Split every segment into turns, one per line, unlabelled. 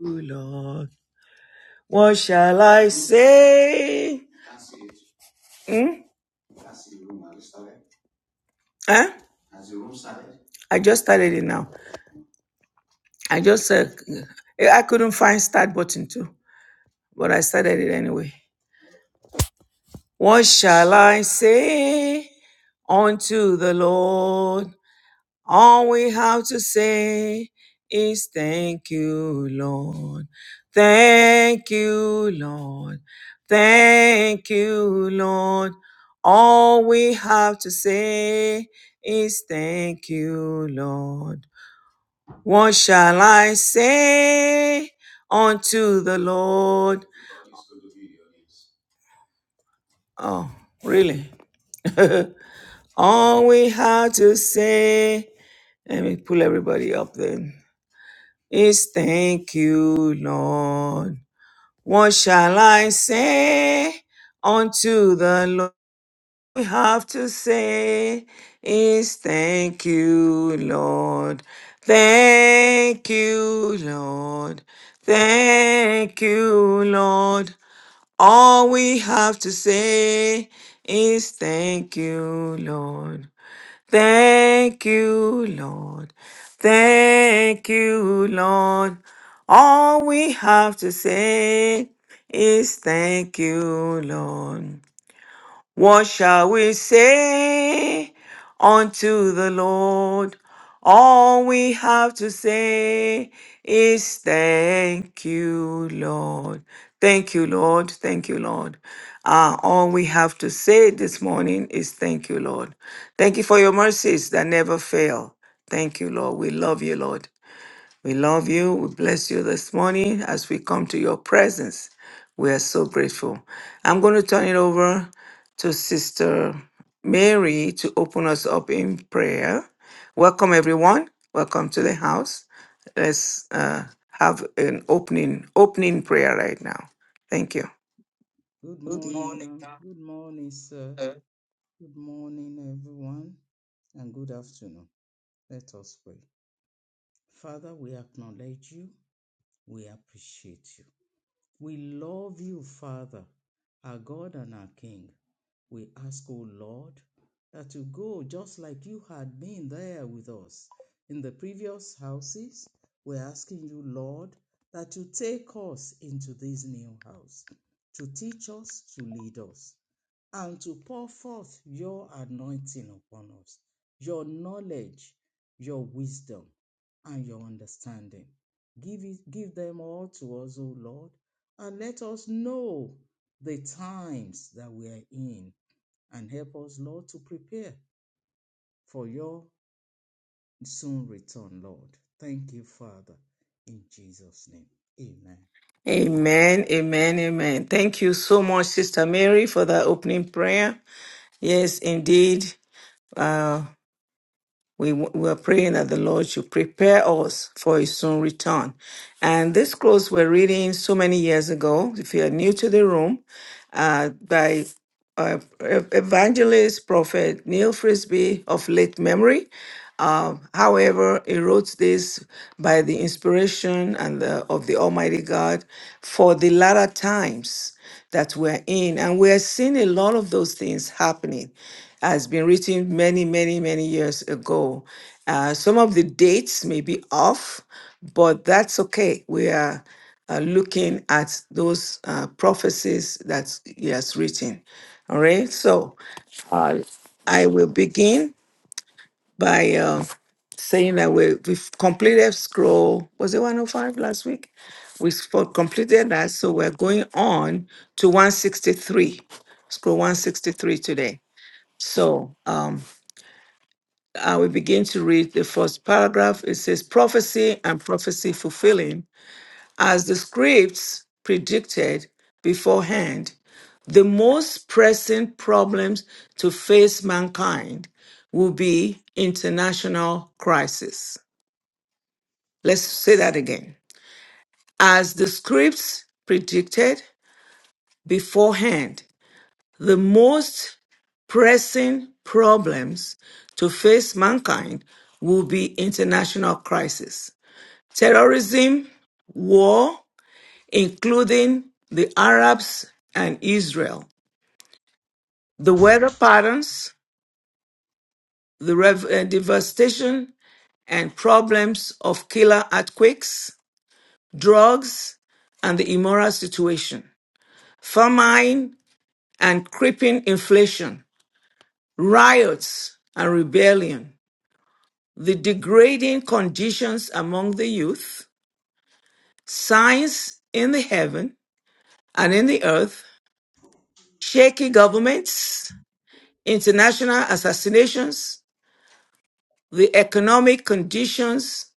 Ooh, Lord. What shall I say? Hmm? Huh? I just started it now. I just uh, I couldn't find start button too, but I started it anyway. What shall I say unto the Lord? All we have to say is thank you, Lord. Thank you, Lord. Thank you, Lord. All we have to say is thank you, Lord. What shall I say unto the Lord? Oh, really? All we have to say. Let me pull everybody up then. is thank you, Lord. What shall I say unto the Lord? We have to say is thank you, Lord. Thank you, Lord. Thank you, Lord. All we have to say is thank you, Lord. Thank you, Lord. Thank you, Lord. All we have to say is thank you, Lord. What shall we say unto the Lord? All we have to say is thank you, Lord. Thank you, Lord. Thank you, Lord. Ah, all we have to say this morning is thank you, Lord. Thank you for your mercies that never fail. Thank you, Lord. We love you, Lord. We love you. We bless you this morning as we come to your presence. We are so grateful. I'm going to turn it over to Sister Mary to open us up in prayer. Welcome, everyone. Welcome to the house. Let's uh, have an opening opening prayer right now. Thank you.
Good morning, ma'am. Good morning, sir. Good morning, everyone, and good afternoon. Let us pray. Father, we acknowledge you. We appreciate you. We love you, Father, our God and our King. We ask, O Lord, that you go just like you had been there with us in the previous houses. We're asking you, Lord, that you take us into this new house to teach us, to lead us, and to pour forth your anointing upon us, your knowledge, your wisdom, and your understanding. Give, it, give them all to us, O Lord, and let us know the times that we are in and help us, Lord, to prepare for your soon return, Lord. Thank you, Father, in Jesus' name. Amen. Amen.
Amen, amen, amen. Thank you so much, Sister Mary, for that opening prayer. Yes, indeed. We, we're praying that the Lord should prepare us for his soon return. And this close we're reading so many years ago. If you're new to the room, uh, by uh, ev- evangelist, prophet Neil Frisbee of late memory. Um, however, he wrote this by the inspiration and the, of the Almighty God for the latter times that we're in, and we're seeing a lot of those things happening. Has been written many, many, many years ago. Uh, some of the dates may be off, but that's okay. We are uh, looking at those uh, prophecies that he has written. All right, so uh, I will begin by uh, saying that we, we've completed scroll, was it 105 last week? We spo- completed that, so we're going on to 163, scroll 163 today. So um, I will begin to read the first paragraph. It says, Prophecy and prophecy fulfilling as the scripts predicted beforehand, the most pressing problems to face mankind will be international crisis. Let's say that again. As the scripts predicted beforehand, the most pressing problems to face mankind will be international crisis. Terrorism, war, including the Arabs and Israel. The weather patterns, the rev- uh, devastation and problems of killer earthquakes, drugs, and the immoral situation, famine and creeping inflation, riots and rebellion, the degrading conditions among the youth, signs in the heaven and in the earth, shaky governments, international assassinations, the economic conditions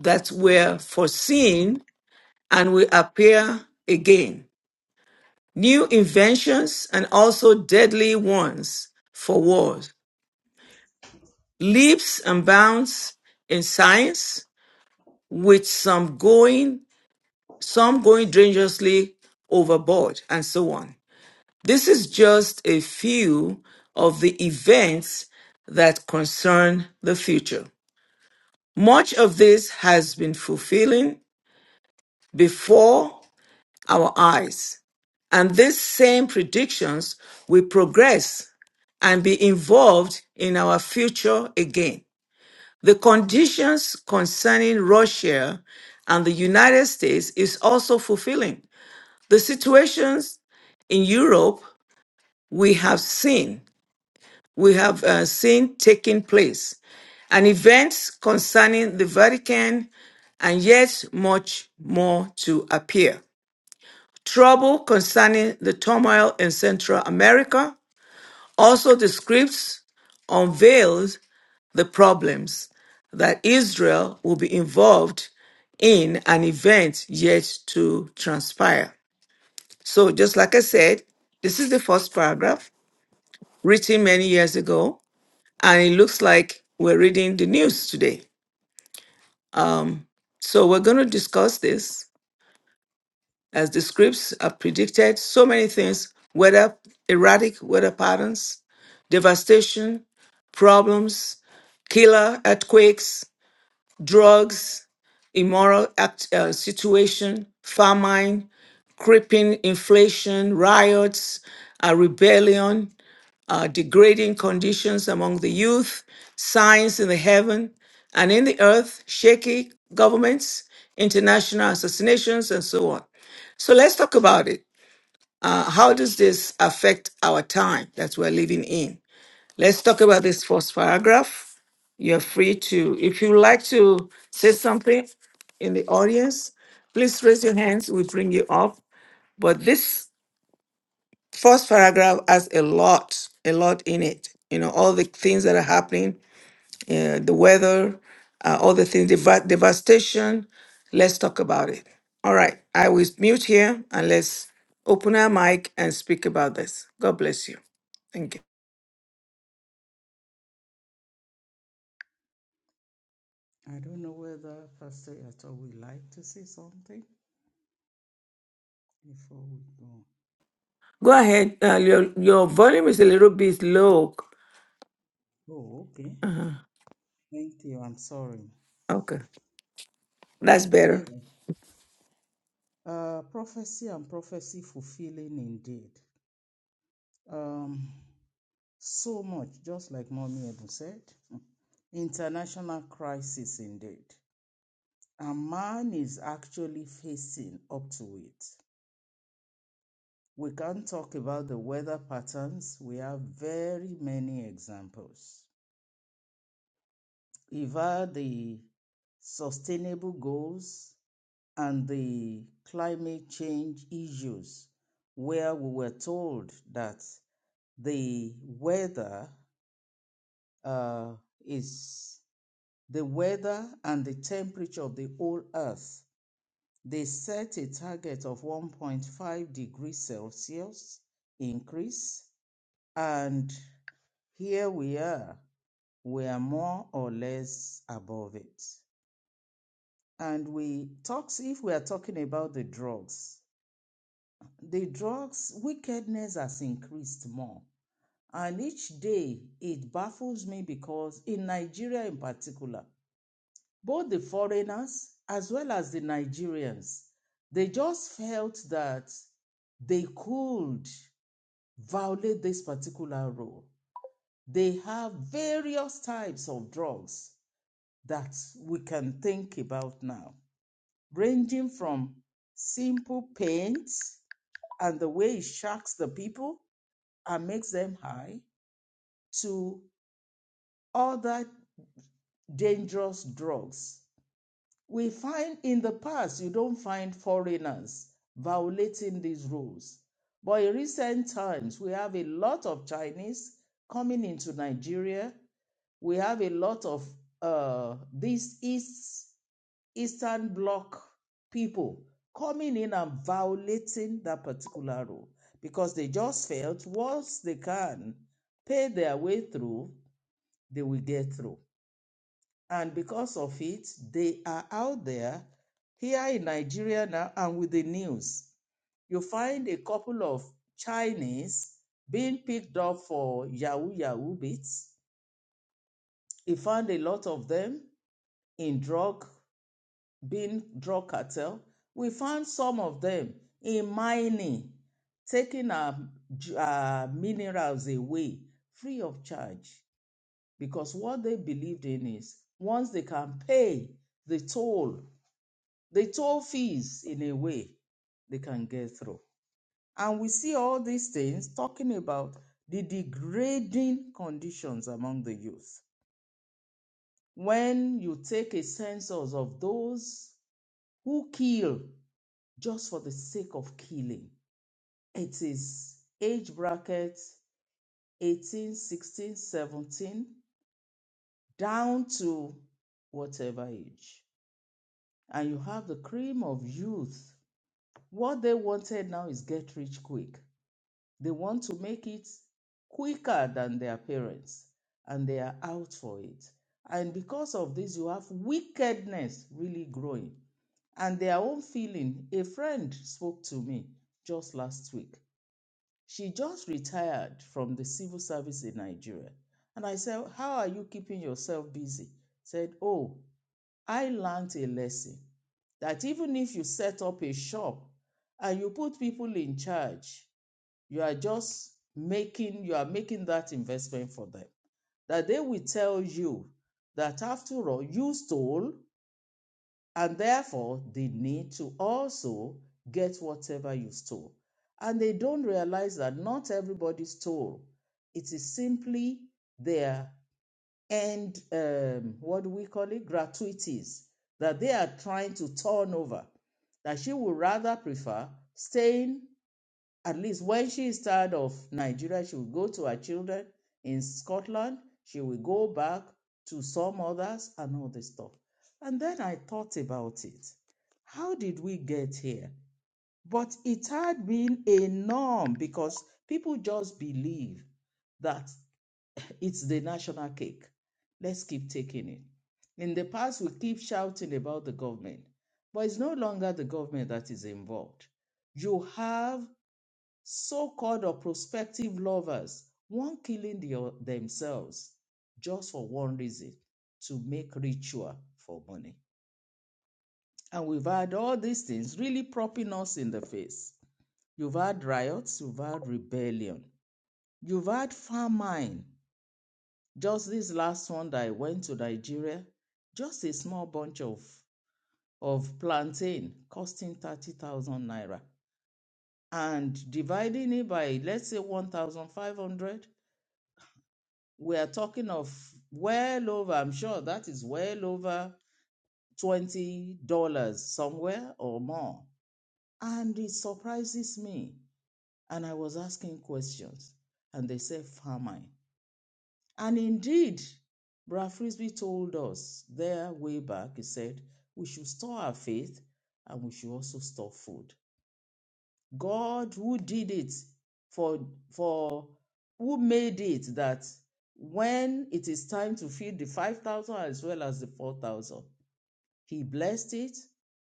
that were foreseen and will appear again, new inventions and also deadly ones for wars, leaps and bounds in science, with some going, some going dangerously overboard, and so on. This is just a few of the events that concern the future. Much of this has been fulfilling before our eyes, and these same predictions will progress and be involved in our future again. The conditions concerning Russia and the United States is also fulfilling. The situations in Europe we have seen, we have uh, seen taking place. and events concerning the Vatican, and yet much more to appear. Trouble concerning the turmoil in Central America. Also, the scripts unveiled the problems that Israel will be involved in an event yet to transpire. So, just like I said, this is the first paragraph written many years ago, and it looks like we're reading the news today. So, we're going to discuss this As the scripts have predicted, so many things, weather erratic weather patterns, devastation, problems, killer earthquakes, drugs, immoral act, uh, situation, famine, creeping inflation, riots, uh, rebellion, uh, degrading conditions among the youth, signs in the heaven and in the earth, shaky governments, international assassinations, and so on. So let's talk about it. Uh, how does this affect our time that we're living in? Let's talk about this first paragraph. You're free to, if you like to say something in the audience, please raise your hands. We bring you up. But this first paragraph has a lot, a lot in it. You know, all the things that are happening, uh, the weather, uh, all the things, deva- devastation. Let's talk about it. All right, I will mute here and let's open our mic and speak about this. God bless you. Thank you.
I don't know whether Pastor Yato would like to say something before we go.
Go ahead. Uh, your your volume is a little bit low.
Oh, okay.
Uh-huh.
Thank you. I'm sorry.
Okay, that's better.
Yeah. Uh, prophecy and prophecy fulfilling indeed. Um, So much, just like Mommy Edu said. hmm, International crisis indeed. And man is actually facing up to it. We can't talk about the weather patterns. We have very many examples. Either the sustainable goals and the climate change issues, where we were told that the weather uh, is the weather and the temperature of the whole earth. They set a target of 1.5 degrees Celsius increase, and here we are. We are more or less above it. And we talk if we are talking about the drugs, the drugs wickedness has increased more. And each day it baffles me because in Nigeria in particular, both the foreigners as well as the Nigerians, they just felt that they could violate this particular rule. They have various types of drugs that we can think about now, ranging from simple paints and the way it shocks the people and makes them high to other dangerous drugs We find in the past, you don't find foreigners violating these rules. But in recent times, we have a lot of Chinese coming into Nigeria. We have a lot of uh, these East, Eastern Bloc people coming in and violating that particular rule because they just felt once they can pay their way through, they will get through. And because of it, they are out there here in Nigeria now and with the news. You find a couple of Chinese being picked up for Yahoo Yahoo beats. He found a lot of them in drug, being drug cartel. We found some of them in mining, taking our, our minerals away free of charge because what they believed in is once they can pay the toll the toll fees in a way they can get through. And we see all these things talking about the degrading conditions among the youth. When you take a census of those who kill just for the sake of killing, it is age bracket 18, 16, 17, down to whatever age. And you have the cream of youth. What they wanted now is get rich quick They want to make it quicker than their parents, and they are out for it. And because of this, you have wickedness really growing. And their own feeling, a friend spoke to me just last week. She just retired from the civil service in Nigeria. And I said, How are you keeping yourself busy? Said, Oh, I learned a lesson that even if you set up a shop and you put people in charge, you are just making you are making that investment for them that they will tell you that after all you stole and therefore they need to also get whatever you stole and they don't realize that not everybody stole it is simply their end um, what do we call it gratuities that they are trying to turn over that she would rather prefer staying at least when she is tired of Nigeria, she will go to her children in Scotland. She will go back to some others and all this stuff. And then I thought about it. How did we get here? But it had been a norm because people just believe that it's the national cake. Let's keep taking it. In the past, we keep shouting about the government, but it's no longer the government that is involved. You have so-called or prospective lovers, one killing the, themselves just for one reason, to make ritual for money. And we've had all these things really propping us in the face. You've had riots, you've had rebellion, you've had famine. Just this last one that I went to Nigeria, just a small bunch of, of plantain costing 30,000 naira and dividing it by, let's say, 1,500 we are talking of well over, I'm sure that is well over $20 somewhere or more. And it surprises me. And I was asking questions, and they said famine. And indeed, Brad Frisbee told us there way back, he said, we should store our faith and we should also store food. God who did it for for who made it that when it is time to feed the 5000 as well as the 4000 he blessed it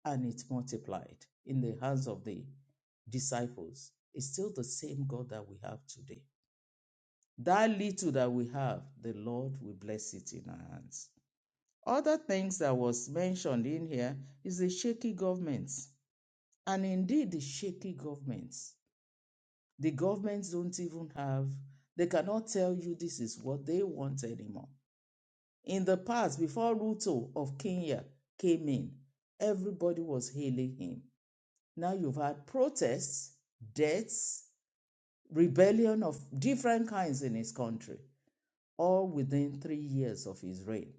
and it multiplied in the hands of the disciples It's still the same God that we have today that little that we have the Lord will bless it in our hands other things that was mentioned in here is the shaky governments and indeed the shaky governments The governments don't even have, they cannot tell you this is what they want anymore. In the past, before Ruto of Kenya came in, everybody was hailing him. Now you've had protests, deaths, rebellion of different kinds in his country, all within three years of his reign.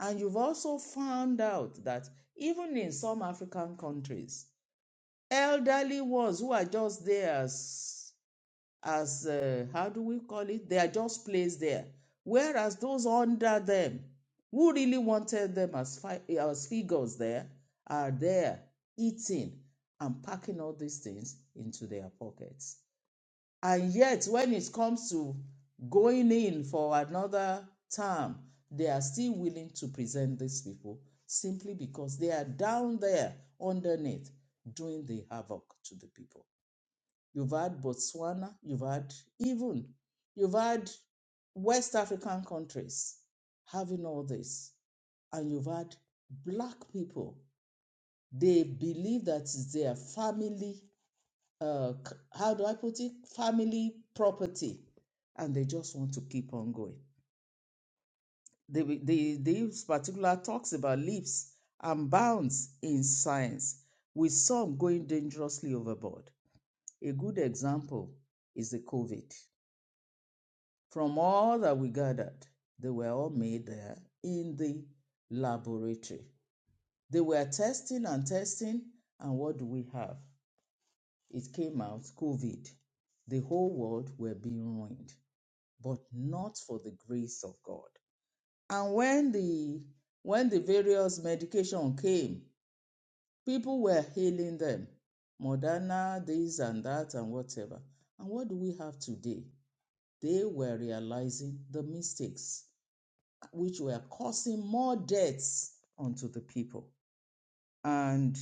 And you've also found out that even in some African countries, elderly ones who are just there as as uh, how do we call it? They are just placed there. Whereas those under them, who really wanted them as, fi- as figures there, are there eating and packing all these things into their pockets. And yet, when it comes to going in for another term, they are still willing to present these people simply because they are down there underneath doing the havoc to the people. You've had Botswana. You've had even, you've had West African countries having all this. And you've had black people. They believe that it's their family, uh, c- how do I put it? Family property. And they just want to keep on going. The, the, this particular talks about leaps and bounds in science, with some going dangerously overboard. A good example is the COVID. From all that we gathered, they were all made there in the laboratory. They were testing and testing, and what do we have? It came out COVID. The whole world were being ruined, but not for the grace of God. And when the when the various medication came, people were healing them. Moderna, this and that, and whatever. And what do we have today? They were realizing the mistakes which were causing more deaths unto the people. And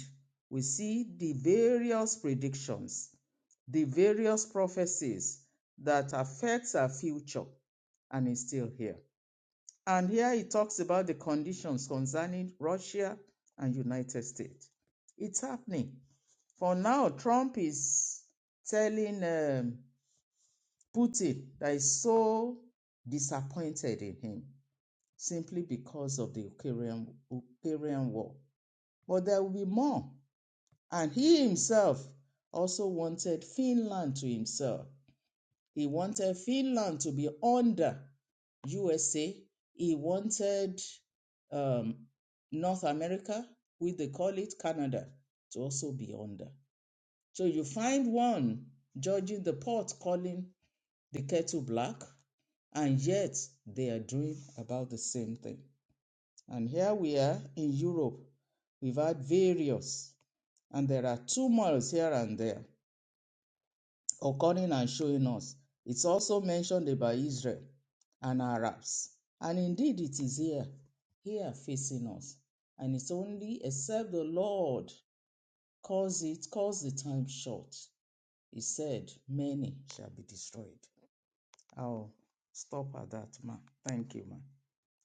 we see the various predictions, the various prophecies that affects our future, and is still here. And here he talks about the conditions concerning Russia and United States. It's happening. For now, Trump is telling um, Putin that he's so disappointed in him simply because of the Ukrainian, Ukrainian war. But there will be more. And he himself also wanted Finland to himself. He wanted Finland to be under USA. He wanted um, North America, which they call it Canada, to also be under. So you find one judging the pot, calling the kettle black, and yet they are doing about the same thing. And here we are in Europe. We've had various, and there are tumults here and there occurring and showing us. It's also mentioned about Israel and Arabs. And indeed, it is here, here facing us. And it's only except the Lord cause it, cause the time short. He said, Many shall be destroyed. I'll stop at that, ma. Thank you, ma.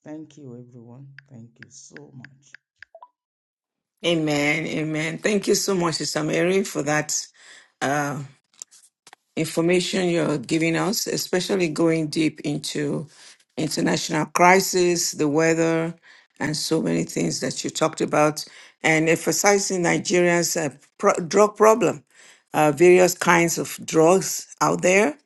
Thank you, everyone. Thank you so much.
Amen. Amen. Thank you so much, Sister Mary, for that. information you're giving us, especially going deep into international crisis, the weather, and so many things that you talked about, and emphasizing Nigeria's uh, pro- drug problem, uh, various kinds of drugs out there,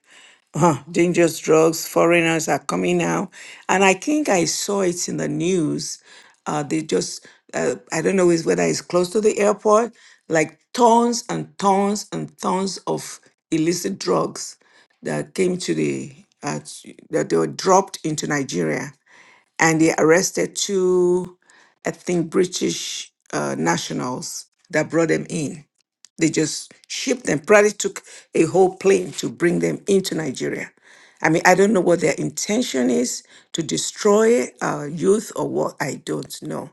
Huh, dangerous drugs, foreigners are coming now. And I think I saw it in the news. Uh, they just, uh, I don't know is- whether it's close to the airport, like tons and tons and tons of illicit drugs that came to the, uh, t- that they were dropped into Nigeria. And they arrested two, I think, British uh, nationals that brought them in they just shipped them, probably took a whole plane to bring them into Nigeria. I mean, I don't know what their intention is to destroy our youth or what. I don't know.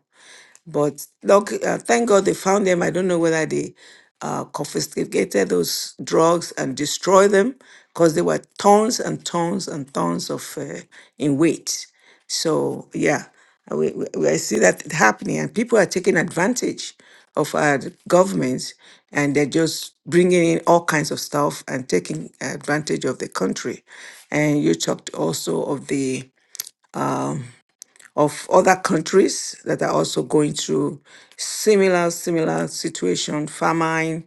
But look, uh, thank God they found them. I don't know whether they uh, confiscated those drugs and destroyed them because they were tons and tons and tons of uh, in weight. So yeah, uh, we, we, we- I see that happening, and people are taking advantage of our governments, and they're just bringing in all kinds of stuff and taking advantage of the country. And you talked also of the of other countries that are also going through similar similar situation famine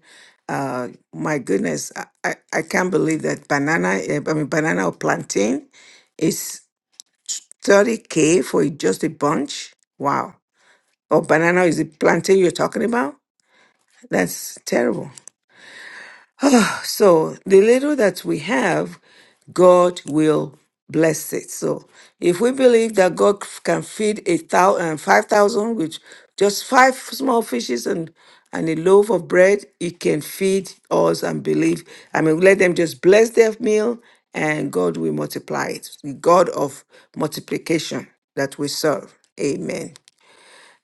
uh my goodness i i, I can't believe that banana eh, i mean banana or plantain is 30k for a- just a bunch wow or banana is the plantain you're talking about that's terrible So the little that we have, God will bless it. So if we believe that God can feed a thousand, five thousand with just five small fishes and and a loaf of bread, it can feed us and believe. I mean, let them just bless their meal and God will multiply it. The God of multiplication that we serve. Amen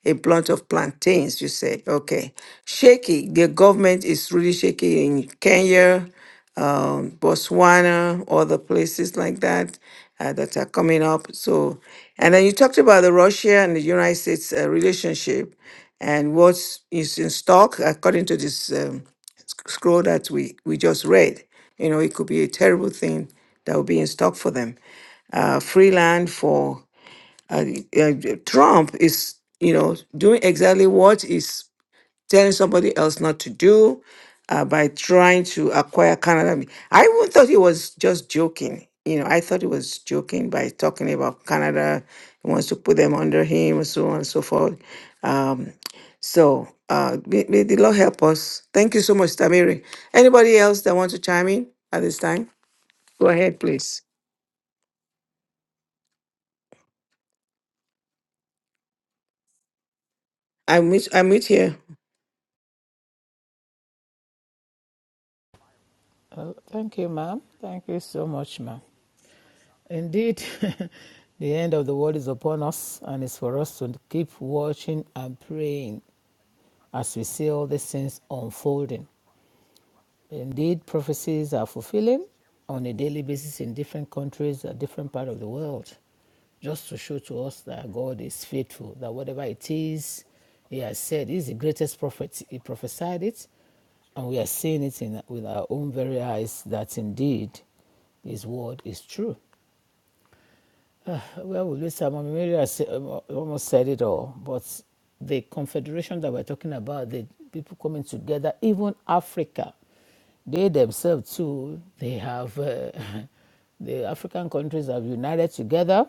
a plant of plantains, you said. Okay. Shaky. The government is really shaky in Kenya, um, Botswana, other places like that uh, that are coming up. So, and then you talked about the Russia and the United States uh, relationship and what is in stock according to this um, sc- scroll that we, we just read. You know, it could be a terrible thing that will be in stock for them. Uh, free land for uh, uh, Trump is, you know, doing exactly what he's telling somebody else not to do uh, by trying to acquire Canada. I even thought he was just joking. You know, I thought he was joking by talking about Canada. He wants to put them under him, and so on and so forth. Um, so uh, may, may the Lord help us. Thank you so much, Tamiri. Anybody else that wants to chime in at this time? Go ahead, please. I meet I meet here.
Well, thank you, ma'am. Thank you so much, ma'am. Indeed, the end of the world is upon us, and it's for us to keep watching and praying as we see all these things unfolding. Indeed, prophecies are fulfilling on a daily basis in different countries, a different part of the world, just to show to us that God is faithful, that whatever it is He has said, He is the greatest prophet. He prophesied it, and we are seeing it in, with our own very eyes that indeed His word is true. Well, Lisa, Mommy Mary um, almost said it all, but the confederation that we're talking about, the people coming together, even Africa, they themselves too, they have, uh, the African countries have united together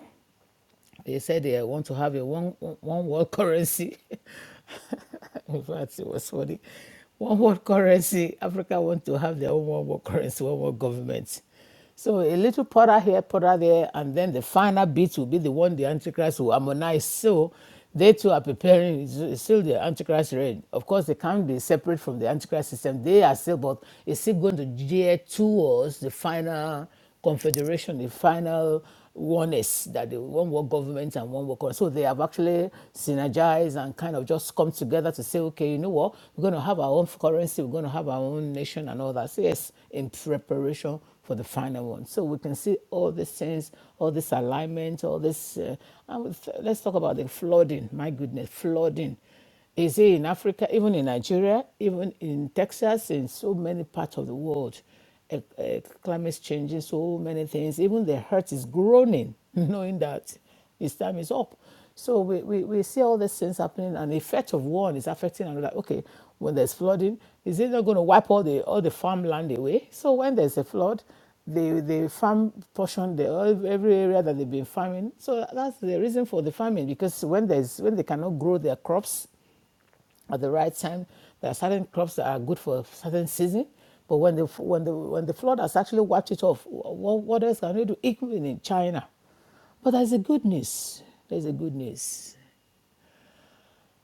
they said they want to have a one one world currency. In fact, it was funny. One world currency. Africa want to have their own one world currency, one world government. So a little powder here, powder there, and then the final bit will be the one the Antichrist will harmonize. So they too are preparing. It's still the Antichrist reign. Of course, they can't be separate from the Antichrist system. They are still, but it's still going to gear towards the final confederation, the final one is that the one world government and one world. So they have actually synergized and kind of just come together to say, okay, you know what, we're going to have our own currency, we're going to have our own nation and all that. So yes, in preparation for the final one. So we can see all these things, all this alignment, all this. Uh, and with- let's talk about the flooding. My goodness, flooding is it in Africa, even in Nigeria, even in Texas, in so many parts of the world. Uh, uh, climate changing, so many things. Even the heart is groaning, knowing that his time is up. So we, we, we see all these things happening, and the effect of one is affecting another. Okay, when there's flooding, is it not going to wipe all the all the farmland away? So when there's a flood, the the farm portion, the ev- every area that they've been farming. So that's the reason for the farming because when there's when they cannot grow their crops, at the right time. There are certain crops that are good for a certain season, but when the when the when the flood has actually wiped it off, what, what else can we do? Even in China, but there's a good news. There's a good news.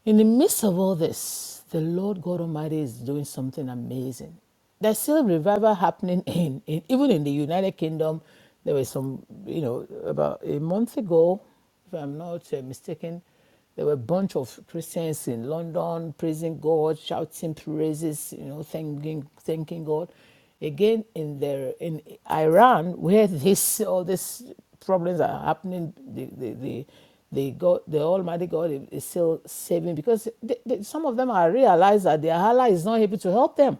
In the midst of all this, the Lord God Almighty is doing something amazing. There's still revival happening in, in even in the United Kingdom. There was some, you know, about a month ago, if I'm not uh, mistaken, there were a bunch of Christians in London praising God, shouting praises, you know, thanking thanking God. Again, in the in Iran, where this all these problems are happening, the the the, the God, the Almighty God is still saving because they, they, some of them are realize that their Allah is not able to help them.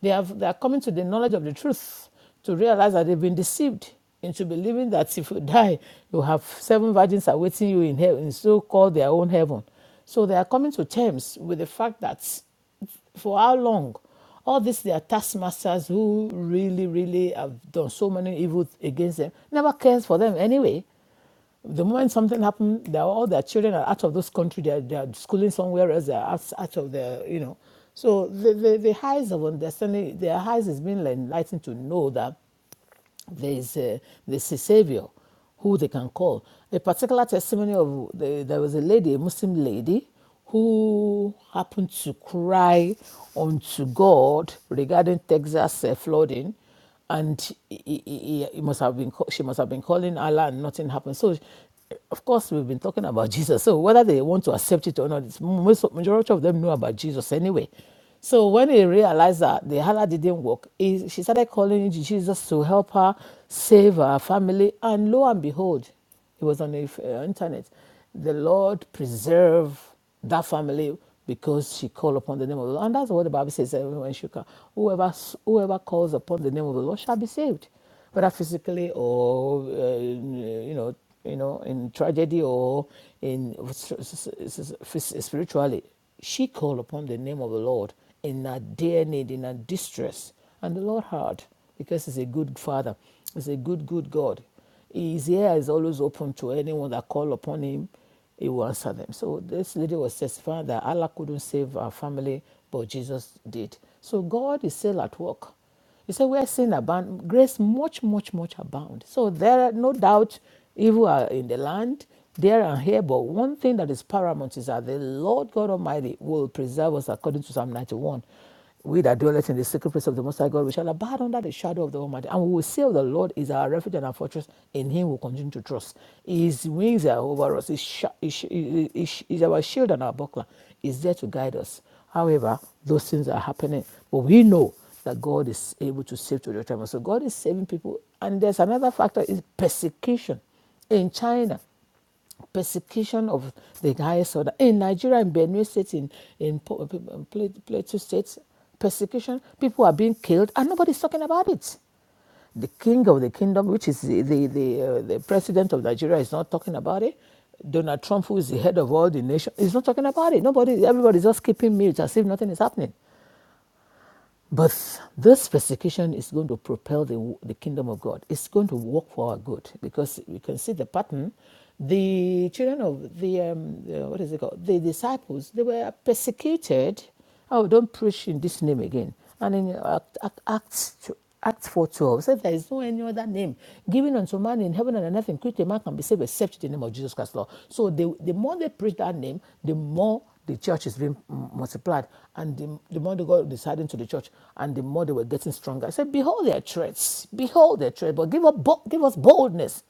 They have they are coming to the knowledge of the truth to realize that they've been deceived into believing that if you die, you have seven virgins awaiting you in heaven, so called their own heaven. So they are coming to terms with the fact that for how long? All these their taskmasters who really, really have done so many evils against them never cares for them anyway. The moment something happened, they're, all their children are out of this country. They're, they're schooling somewhere else. They're out, out of the, you know. So the, the, the highs of understanding, their highs is being enlightened to know that there's a, there's a savior who they can call. A particular testimony of the, there was a lady, a Muslim lady, who happened to cry unto God regarding Texas uh, flooding, and he, he, he- he must have been ca- she must have been calling Allah, and nothing happened. So, of course, we've been talking about Jesus. So whether they want to accept it or not, it's most majority of them know about Jesus anyway. So when he realized that the hala didn't work, he, she started calling Jesus to help her save her family. And lo and behold, it was on the uh, internet. The Lord preserve that family because she called upon the name of the Lord. And that's what the Bible says everyone should call. Whoever, whoever calls upon the name of the Lord shall be saved whether physically or uh, you know, you know, in tragedy or in spiritually. She called upon the name of the Lord in her dear need, in her distress, and the Lord heard because He's a good Father, He's a good, good God. His ear is always open to anyone that call upon Him. He will answer them. So this lady was testifying that Allah couldn't save her family, but Jesus did. So God is still at work. He said, Where sin abounds, grace much, much, much abound. So there are no doubt evil are in the land, there and here, but one thing that is paramount is that the Lord God Almighty will preserve us according to Psalm 91. We that dwelleth in the secret place of the Most High God, we shall abide under the shadow of the Almighty. And we will say of the Lord is our refuge and our fortress. In him we will continue to trust. His wings are over us. His, sh- his, sh- his, sh- is our shield and our buckler. Is there to guide us. However, those things are happening. But we know that God is able to save to the time. So God is saving people. And there's another factor is persecution. In China, persecution of the highest order. In Nigeria, in Benue State, in, in Plateau State, persecution, people are being killed and nobody's talking about it. The king of the kingdom, which is the, the, the, uh, the president of Nigeria, is not talking about it. Donald Trump, who is the head of all the nation, is not talking about it. Nobody, everybody's just keeping mute as if nothing is happening. But this persecution is going to propel the, the kingdom of God. It's going to work for our good because we can see the pattern. The children of the, um, the- what is it called? The disciples, they were persecuted. Oh, don't preach in this name again. And in Act- Act- Acts, Acts 4.12 says, There is no any other name given unto man in heaven and on earth in which a man can be saved except in the name of Jesus Christ, Lord. So the, the more they preach that name, the more the church is being multiplied and the, the more they got deciding to the church and the more they were getting stronger. I said, behold their threats, behold their threats, but give, up, give us boldness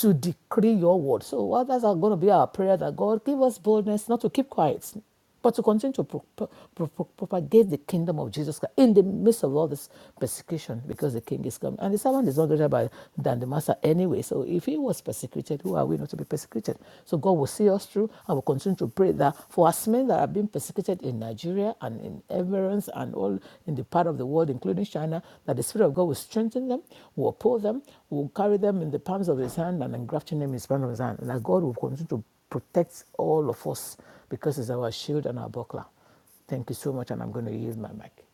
to decree your word. So, what that's going to be our prayer that God give us boldness not to keep quiet, but to continue to pro- pro- pro- propagate the kingdom of Jesus Christ in the midst of all this persecution because the king is coming. And the servant is not greater by, than the master anyway. So, if he was persecuted, who are we not to be persecuted? So, God will see us through and will continue to pray that for us men that are being persecuted in Nigeria and in Emirates and all in the part of the world, including China, that the Spirit of God will strengthen them, will uphold them, will carry them in the palms of His hand and engrafting them in the palm of His hand, and that God will continue to protect all of us because it's our shield and our buckler. Thank you so much, and I'm going to use my mic.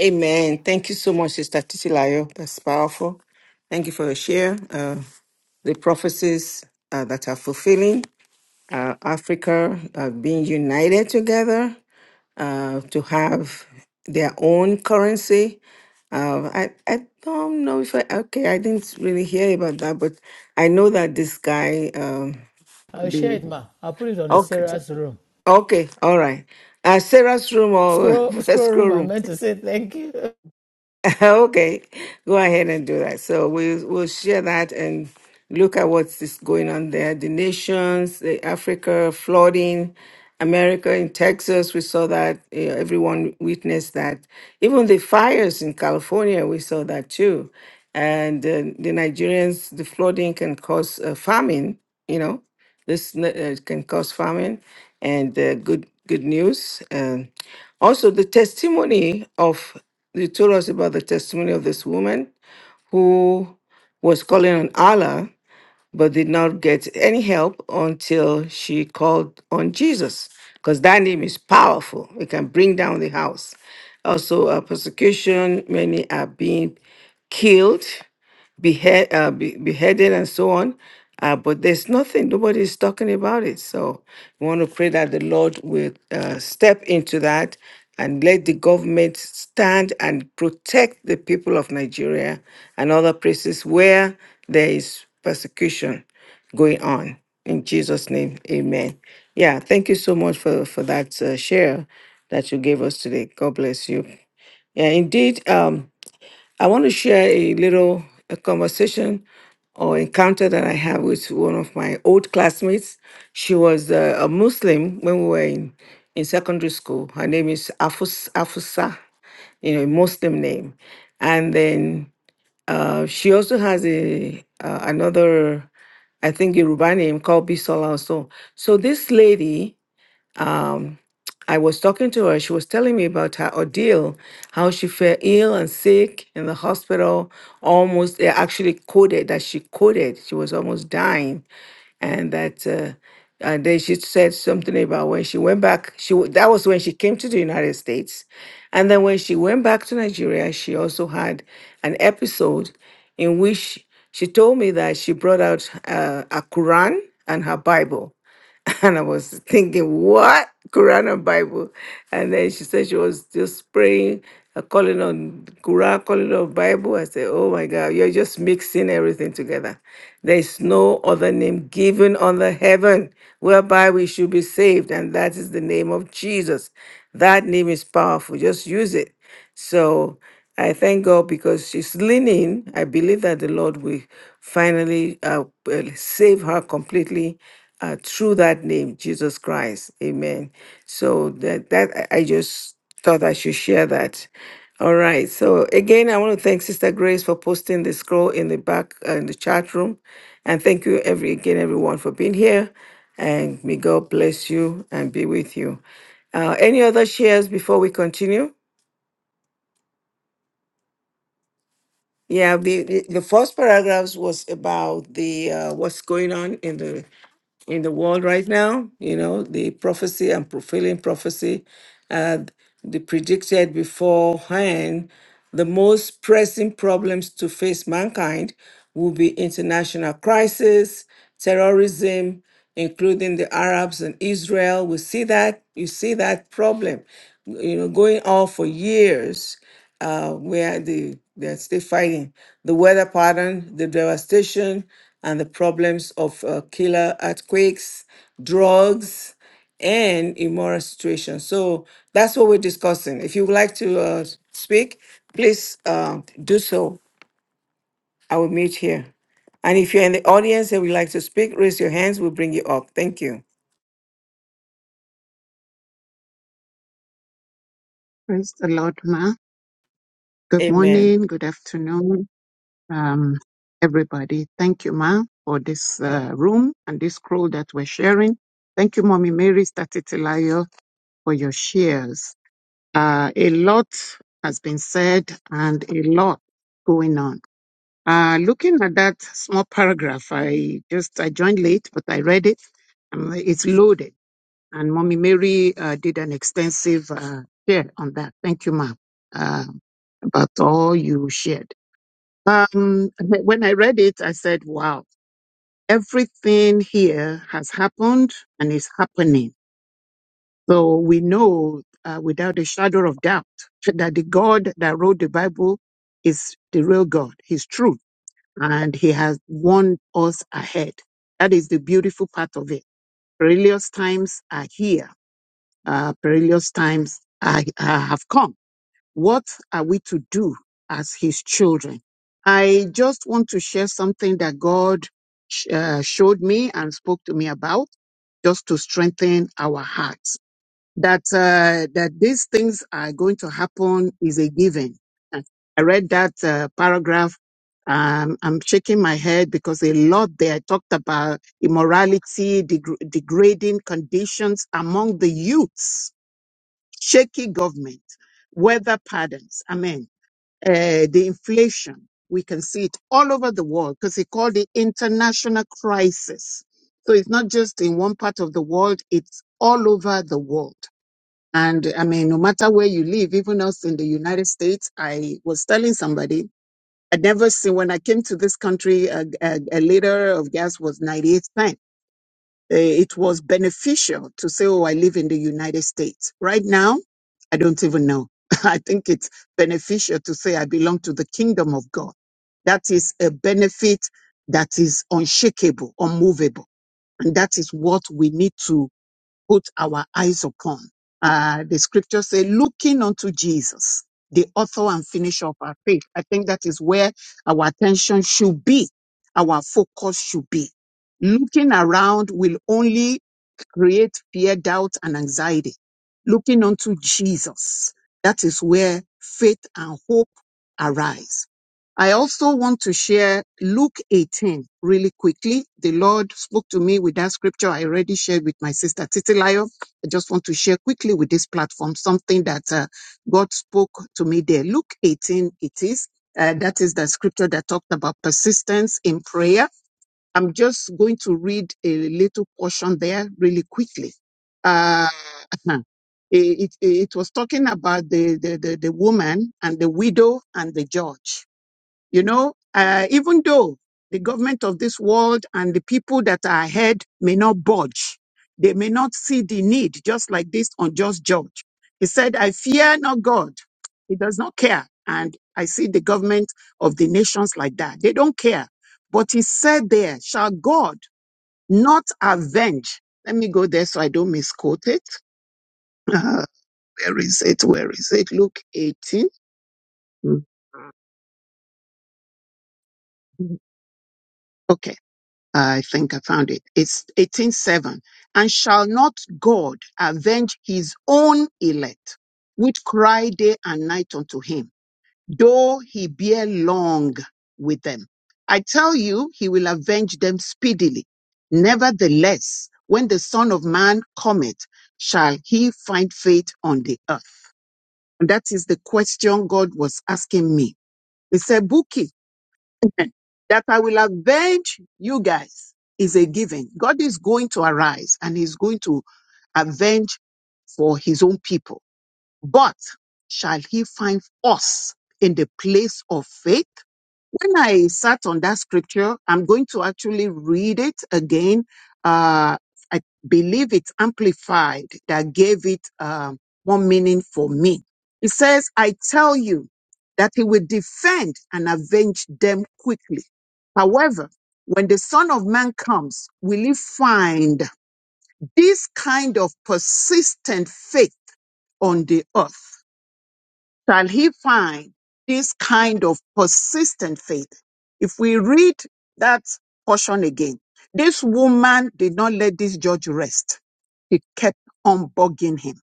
Amen. Thank you so much, Sister Titilayo. That's powerful. Thank you for your share. Uh, the prophecies uh, that are fulfilling uh, Africa uh, being united together uh, to have their own currency. Uh, I, I don't know if I, okay, I didn't really hear about that, but I know that this guy, um,
I'll share
the-
it, ma. I'll put it on the
okay,
Sarah's room.
okay, all right. Uh, Sarah's room or
Scroll, scroll
escrow
room. I
room.
meant to say thank you.
okay, go ahead and do that. So we we'll share that and look at what's is going on there. The nations, the Africa flooding, America in Texas, we saw that eh, everyone witnessed that. Even the fires in California, we saw that too. And uh, the Nigerians, the flooding can cause uh, famine. You know, this uh, can cause famine. And uh, good good news. Um also, the testimony of, you told us about the testimony of this woman who was calling on Allah, but did not get any help until she called on Jesus, because that name is powerful. It can bring down the house. Also, uh, persecution, many are being killed behead, uh, be, beheaded and so on. Uh, but there's nothing, nobody is talking about it. So we want to pray that the Lord will uh, step into that and let the government stand and protect the people of Nigeria and other places where there is persecution going on. In Jesus' name, amen. Yeah, thank you so much for, for that uh, share that you gave us today. God bless you. Yeah, indeed. Um, I want to share a little a conversation or encounter that I had with one of my old classmates. She was uh, a Muslim when we were in, in secondary school. Her name is Afus, Afusa, you know, a Muslim name. And then uh, she also has a uh, another, I think, Yoruba name called Bisola also. So this lady, um, I was talking to her. She was telling me about her ordeal, how she fell ill and sick in the hospital. Almost, they actually coded that she coded. She was almost dying, and that. Uh, and then she said something about when she went back. She wa- that was when she came to the United States, and then when she went back to Nigeria, she also had an episode in which she told me that she brought out uh, a Quran and her Bible And I was thinking, what? Quran and Bible. And then she said she was just praying, uh, calling on Quran, calling on Bible. I said, oh my God, you're just mixing everything together. There is no other name given under heaven whereby we should be saved. And that is the name of Jesus. That name is powerful. Just use it. So, I thank God because she's leaning. I believe that the Lord will finally uh, uh, save her completely uh, through that name, Jesus Christ. Amen. So that that I I just thought I should share that. All right. So again, I want to thank Sister Grace for posting the scroll in the back uh, in the chat room, and thank you every again everyone for being here. And may God bless you and be with you. Uh, any other shares before we continue? Yeah, the, the the first paragraphs was about the uh, what's going on in the in the world right now. You know, the prophecy and fulfilling prophecy uh, they predicted beforehand the most pressing problems to face mankind will be international crisis, terrorism, including the Arabs and Israel. We see that you see that problem, you know, going on for years, uh, where the they're still fighting the weather pattern, the devastation, and the problems of uh, killer earthquakes, drugs and immoral situation. So that's what we're discussing. If you would like to uh, speak, please uh, do so. I will meet here. And if you're in the audience and would like to speak, raise your hands. We'll bring you up. Thank you.
Praise the Lord, Ma. Good
Amen.
morning, good afternoon, um, everybody. Thank you, Ma, for this uh, room and this scroll that we're sharing. Thank you, Mommy Mary Statitilayo, for your shares. Uh, a lot has been said and a lot going on. Uh, looking at that small paragraph, I just I joined late, but I read it. Um, it's loaded, and Mommy Mary uh, did an extensive uh, share on that. Thank you, Ma. Uh, about all you shared. Um, when I read it, I said, wow, everything here has happened and is happening. So we know uh, without a shadow of doubt that the God that wrote the Bible is the real God. He's true and he has won us ahead. That is the beautiful part of it. Perilous times are here. Uh, perilous times are, are- have come What are we to do as his children? I just want to share something that God sh- uh, showed me and spoke to me about just to strengthen our hearts. That, uh, that these things are going to happen is a given. Uh, I read that uh, paragraph. Um, I'm shaking my head because a lot there talked about immorality, degr- degrading conditions among the youths shaky government, weather patterns, I mean, uh, the inflation, we can see it all over the world because they call it international crisis. So it's not just in one part of the world, it's all over the world. And I mean, no matter where you live, even us in the United States, I was telling somebody, I'd never seen when I came to this country, a, a, a liter of gas was 98 cents uh, it was beneficial to say, oh, I live in the United States. Right now, I don't even know. I think it's beneficial to say I belong to the kingdom of God. That is a benefit that is unshakable, unmovable. And that is what we need to put our eyes upon. Uh, the scripture say, looking unto Jesus, the author and finisher of our faith. I think that is where our attention should be. Our focus should be. Looking around will only create fear, doubt, and anxiety. Looking unto Jesus, that is where faith and hope arise. I also want to share Luke 18 really quickly. The Lord spoke to me with that scripture I already shared with my sister Titilayo. I just want to share quickly with this platform something that uh, God spoke to me there. Luke 18, it is. Uh, that is the scripture that talked about persistence in prayer I'm just going to read a little portion there really quickly. Uh, it, it, it was talking about the, the, the, the woman and the widow and the judge. You know, uh, even though the government of this world and the people that are ahead may not budge, they may not see the need, just like this unjust judge. He said, I fear not God. He does not care. And I see the government of the nations like that. They don't care. But he said there, shall God not avenge? Let me go there so I don't misquote it. where is it? Where is it? Luke 18. Mhm. Okay I think I found it. It's 18:7. And shall not God avenge his own elect, which cry day and night unto him, though he bear long with them? I tell you, he will avenge them speedily. Nevertheless, when the Son of Man cometh, shall he find faith on the earth? And that is the question God was asking me. He said, Buki, that I will avenge you guys is a given. God is going to arise and he's going to avenge for his own people. But shall he find us in the place of faith? when I sat on that scripture, I'm going to actually read it again. Uh, I believe it's amplified that gave it um more meaning for me. It says, I tell you that he will defend and avenge them quickly. However, when the son of man comes, will he find this kind of persistent faith on the earth? shall he find this kind of persistent faith. If we read that portion again, this woman did not let this judge rest. He kept on bugging him.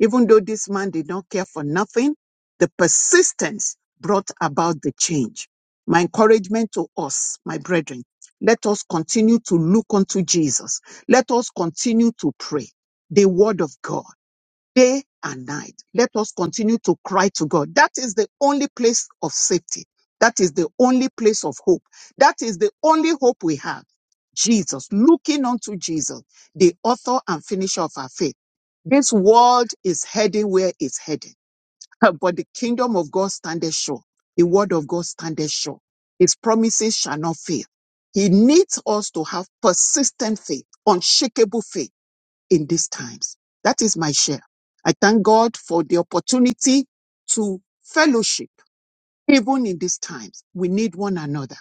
Even though this man did not care for nothing, the persistence brought about the change. My encouragement to us, my brethren, let us continue to look unto Jesus. Let us continue to pray the word of God day and night. Let us continue to cry to God. That is the only place of safety. That is the only place of hope. That is the only hope we have. Jesus, looking unto Jesus, the author and finisher of our faith. This world is heading where it's heading, but the kingdom of God standeth sure. The word of God standeth sure. His promises shall not fail. He needs us to have persistent faith, unshakable faith in these times. That is my share. I thank God for the opportunity to fellowship. Even in these times, we need one another.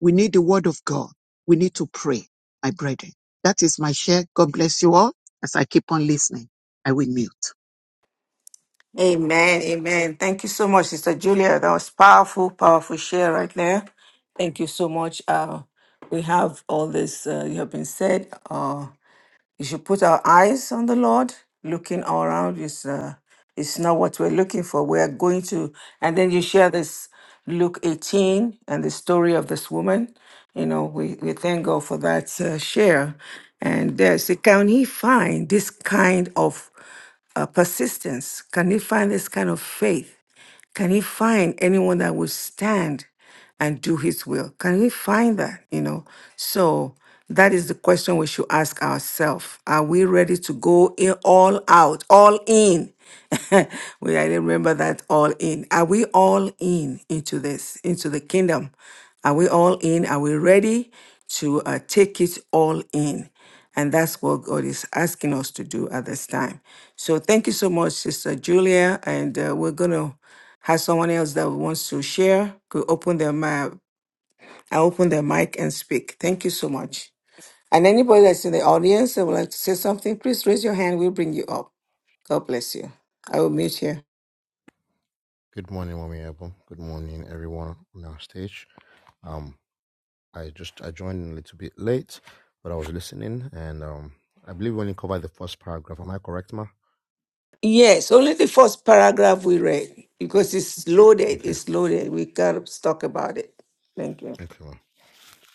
We need the word of God. We need to pray, my brethren. That is my share. God bless you all as I keep on listening. I will mute.
Amen. Amen. Thank you so much, Sister Julia. That was powerful, powerful share right there. Thank you so much. Uh, we have all this uh, you have been said. Uh, You should put our eyes on the Lord. Looking all around is uh, is not what we're looking for. We are going to, and then you share this Luke 18 and the story of this woman. You know, we, we thank God for that uh, share. And there, can he find this kind of uh, persistence? Can he find this kind of faith? Can he find anyone that will stand and do his will? Can we find that? You know, so that is the question we should ask ourselves. Are we ready to go in all out, all in? we I remember that all in. Are we all in into this, into the kingdom? Are we all in? Are we ready to uh, take it all in? And that's what God is asking us to do at this time. So thank you so much, Sister Julia. And uh, we're going to has someone else that wants to share could open their mic. I open their mic and speak. Thank you so much. And anybody that's in the audience that would like to say something, please raise your hand. We'll bring you up. God bless you. I will mute here.
Good morning, Mommy Apple. Good morning, everyone on our stage. Um, I just I joined a little bit late, but I was listening, and um, I believe we only covered the first paragraph. Am I correct, ma?
Yes, only the first paragraph we read because it's loaded.
Okay,
It's loaded. We gotta talk about it. Thank you.
okay, ma.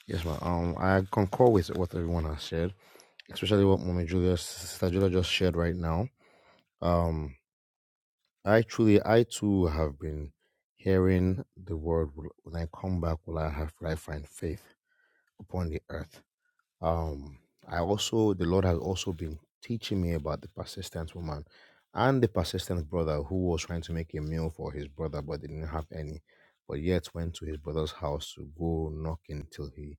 Yes, ma. Um, I concur with what everyone has said, especially what Mommy Julia, Sister Julia just shared right now. Um, I truly, I too have been hearing the word. When I come back, will I have, will I find faith upon the earth? Um, I also the Lord has also been teaching me about the persistent woman and the persistent brother who was trying to make a meal for his brother but didn't have any, but yet went to his brother's house to go knocking till he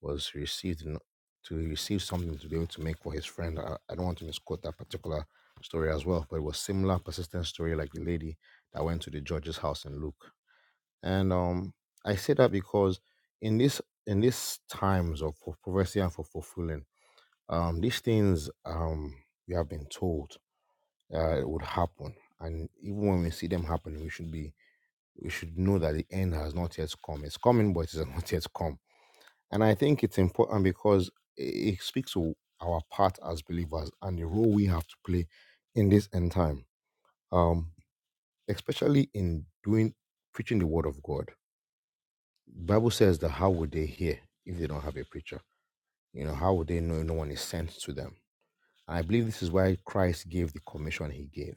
was received n- to receive something to be able to make for his friend. I, I don't want to misquote that particular story as well, but it was similar persistent story like the lady that went to the judge's house in Luke. And um, I say that because in this in these times of for prophecy and for fulfilling um, these things um, we have been told uh, it would happen, and even when we see them happening, we should be we should know that the end has not yet come. It's coming, but it has not yet come. And I think it's important because it it speaks to our part as believers and the role we have to play in this end time, um, especially in doing preaching the word of God. Bible says that how would they hear if they don't have a preacher? You know, how would they know no one is sent to them? I believe this is why Christ gave the commission he gave,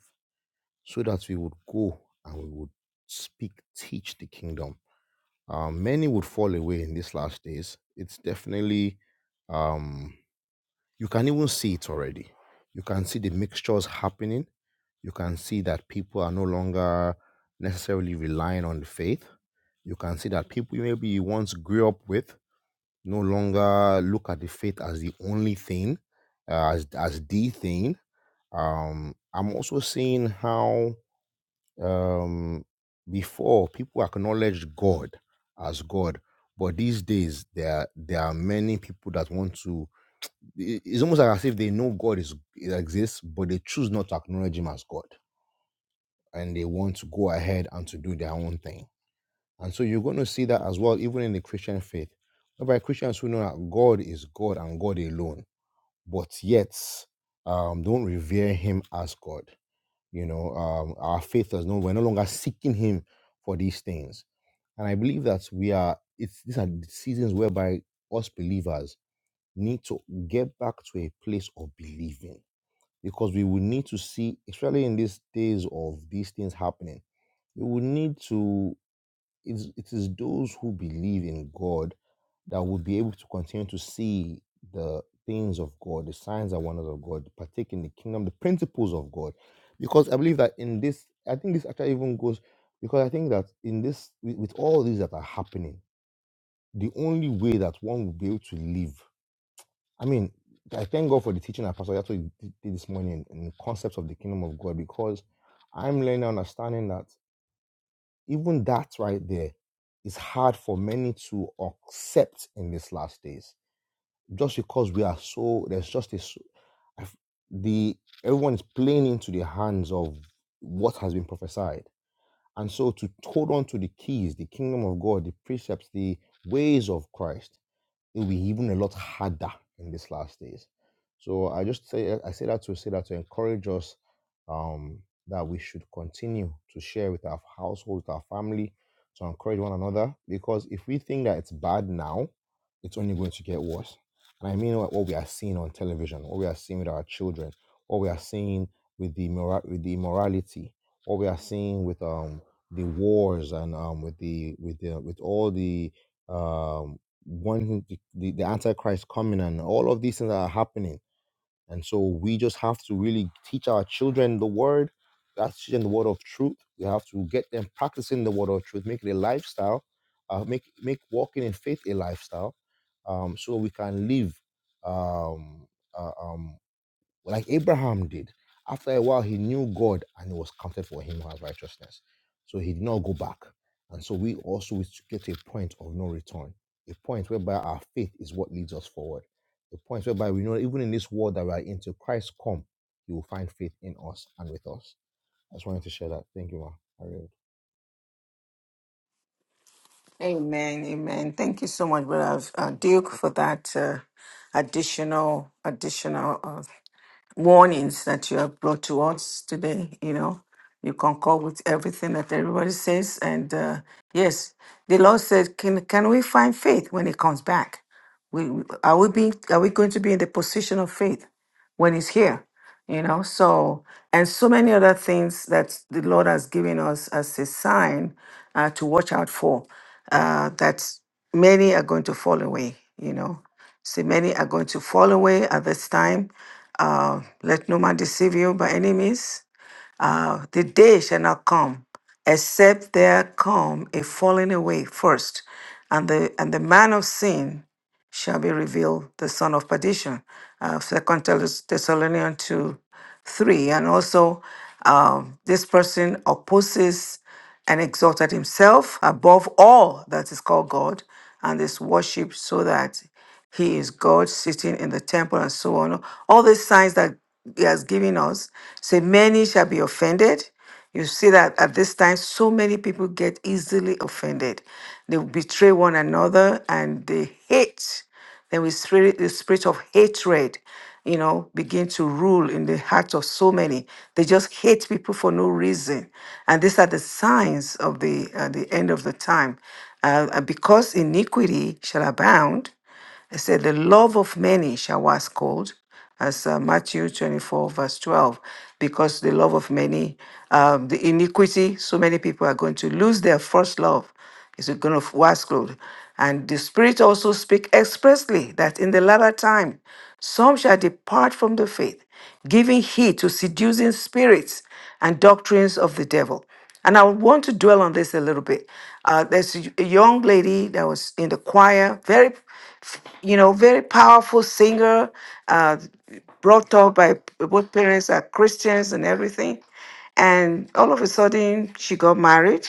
so that we would go and we would speak, teach the kingdom. Uh, many would fall away in these last days. It's definitely, um, you can even see it already. You can see the mixtures happening. You can see that people are no longer necessarily relying on the faith. You can see that people maybe you once grew up with no longer look at the faith as the only thing, uh, as, as the thing um, I'm also seeing how um, before people acknowledged God as God, but these days there there are many people that want to. i- It's almost like as if they know God is exists, but they choose not to acknowledge Him as God, and they want to go ahead and to do their own thing. And so you're going to see that as well, even in the Christian faith, whereby Christians who know that God is God and God alone, but yet um, don't revere Him as God you know um, our faith does no we're no longer seeking him for these things and i believe that we are it's these are the seasons whereby us believers need to get back to a place of believing because we will need to see especially in these days of these things happening we will need to it's, it is those who believe in God that will be able to continue to see the things of God, the signs and wonders of God, partake in the kingdom, the principles of God. Because I believe that in this, I think this actually even goes, because I think that in this, with, with all these that are happening, the only way that one will be able to live, I mean, I thank God for the teaching that Pastor Yato did this morning in the concepts of the kingdom of God because I'm learning and understanding that even that right there is hard for many to accept in these last days just because we are so there's just this the everyone is playing into the hands of what has been prophesied and so to hold on to the keys the kingdom of god the precepts the ways of christ it'll be even a lot harder in these last days. So I just say I say that to say that to encourage us um, that we should continue to share with our household, with our family, to encourage one another. Because if we think that it's bad now, it's only going to get worse. And I mean what, what we are seeing on television, what we are seeing with our children, what we are seeing with the immora- with the immorality, what we are seeing with um the wars and um with the with the with all the um one who the, the the antichrist coming and all of these things that are happening and so we just have to really teach our children the word that's teaching the word of truth we have to get them practicing the word of truth make it a lifestyle uh, make make walking in faith a lifestyle um, so we can live um, uh, um, like Abraham did. After a while, he knew God and it was counted for him as righteousness. So he did not go back. And so we also will get to a point of no return, a point whereby our faith is what leads us forward, a point whereby we know even in this world that we are in, till Christ come, you will find faith in us and with us. I just wanted to share that. Thank you, ma. I really
Amen. Amen. Thank you so much, Brother uh, Duke, for that uh, additional additional uh, warnings that you have brought to us today. You know, you concur with everything that everybody says. And uh, yes, the Lord said, can, can we find faith when it comes back? we- are we being, are we going to be in the position of faith? when he's here you know so and so many other things that the lord has given us as a sign uh, to watch out for uh, that many are going to fall away you know see many are going to fall away at this time uh, let no man deceive you by any means uh, the day shall not come except there come a falling away first, and the and the man of sin shall be revealed, the son of perdition. Uh, Second Thess- Thessalonians two, three, and also um, this person opposes and exalted himself above all that is called God and is worshipped, so that he is God sitting in the temple and so on. All these signs that he has given us say, many shall be offended. You see that at this time, so many people get easily offended. They betray one another and they hate. Then we spirit, the spirit of hatred, you know, begin to rule in the hearts of so many. They just hate people for no reason, and these are the signs of the uh, the end of the time. Uh, uh, because iniquity shall abound, it said, The love of many shall wax cold, as uh, Matthew 24, verse 12, because the love of many, um, the iniquity, so many people are going to lose their first love, is going to wax cold. And the Spirit also speak expressly that in the latter time, some shall depart from the faith, giving heed to seducing spirits and doctrines of the devil. And I would want to dwell on this a little bit. Uh, there's a young lady that was in the choir, very you know, very powerful singer, uh, brought up by both parents are Christians and everything. And all of a sudden, she got married.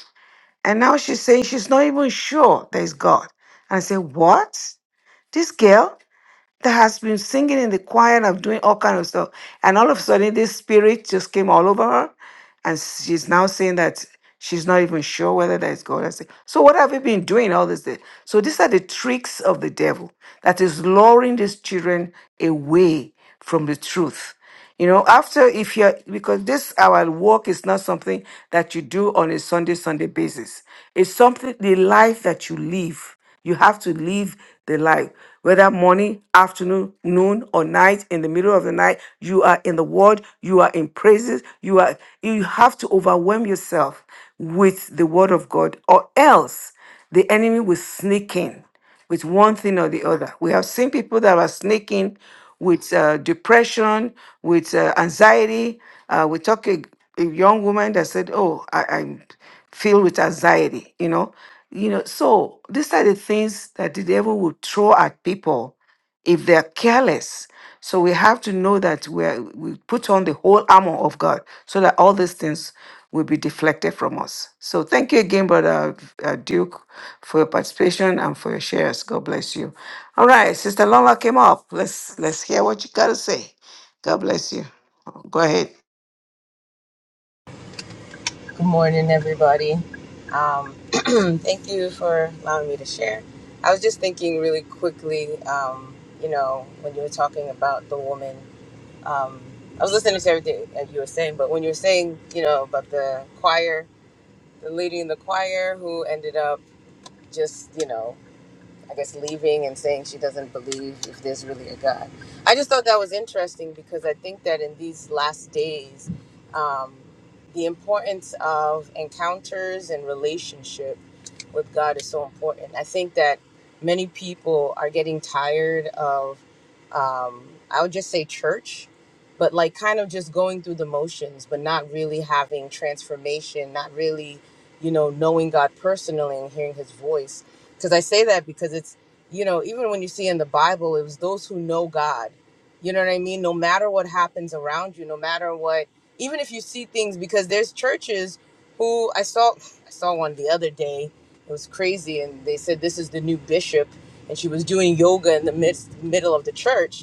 And now she's saying she's not even sure there's God. And I say, What? This girl? that has been singing in the choir and of doing all kind of stuff. And all of a sudden, this spirit just came all over her, and she's now saying that she's not even sure whether that is God. I say, so what have you been doing all this day? So these are the tricks of the devil that is luring these children away from the truth. You know, after if you're because this our work is not something that you do on a Sunday Sunday basis. It's something the life that you live. You have to live the life. Whether morning, afternoon, noon, or night, in the middle of the night, you are in the word, you are in praises, you are you have to overwhelm yourself with the word of God, or else the enemy will sneak in with one thing or the other. We have seen people that are sneaking with uh, depression, with uh, anxiety. Uh, we talk a, a young woman that said, "Oh, I, I'm filled with anxiety," you know, you know. So these are the things that the devil will throw at people if they're careless. So we have to know that we're, we put on the whole armor of God so that all these things will be deflected from us. So thank you again, Brother uh, Duke, for your participation and for your shares. God bless you. All right, Sister Lola came up. Let's let's hear what you got to say. God bless you. Go ahead.
Good morning, everybody. Um, thank you for allowing me to share. I was just thinking really quickly, um, you know, when you were talking about the woman, um, I was listening to everything that you were saying, but when you were saying, you know, about the choir, the lady in the choir who ended up just, you know, I guess leaving and saying she doesn't believe if there's really a God. I just thought that was interesting because I think that in these last days, um, the importance of encounters and relationships with God is so important. I think that many people are getting tired of, um, I would just say church, but like kind of just going through the motions, but not really having transformation, not really, you know, knowing God personally and hearing his voice. Because I say that because it's, you know, even when you see in the Bible, it was those who know God. You know what I mean? No matter what happens around you, no matter what, even if you see things, because there's churches who I saw I saw one the other day it was crazy, and they said this is the new bishop, and she was doing yoga in the midst, middle of the church,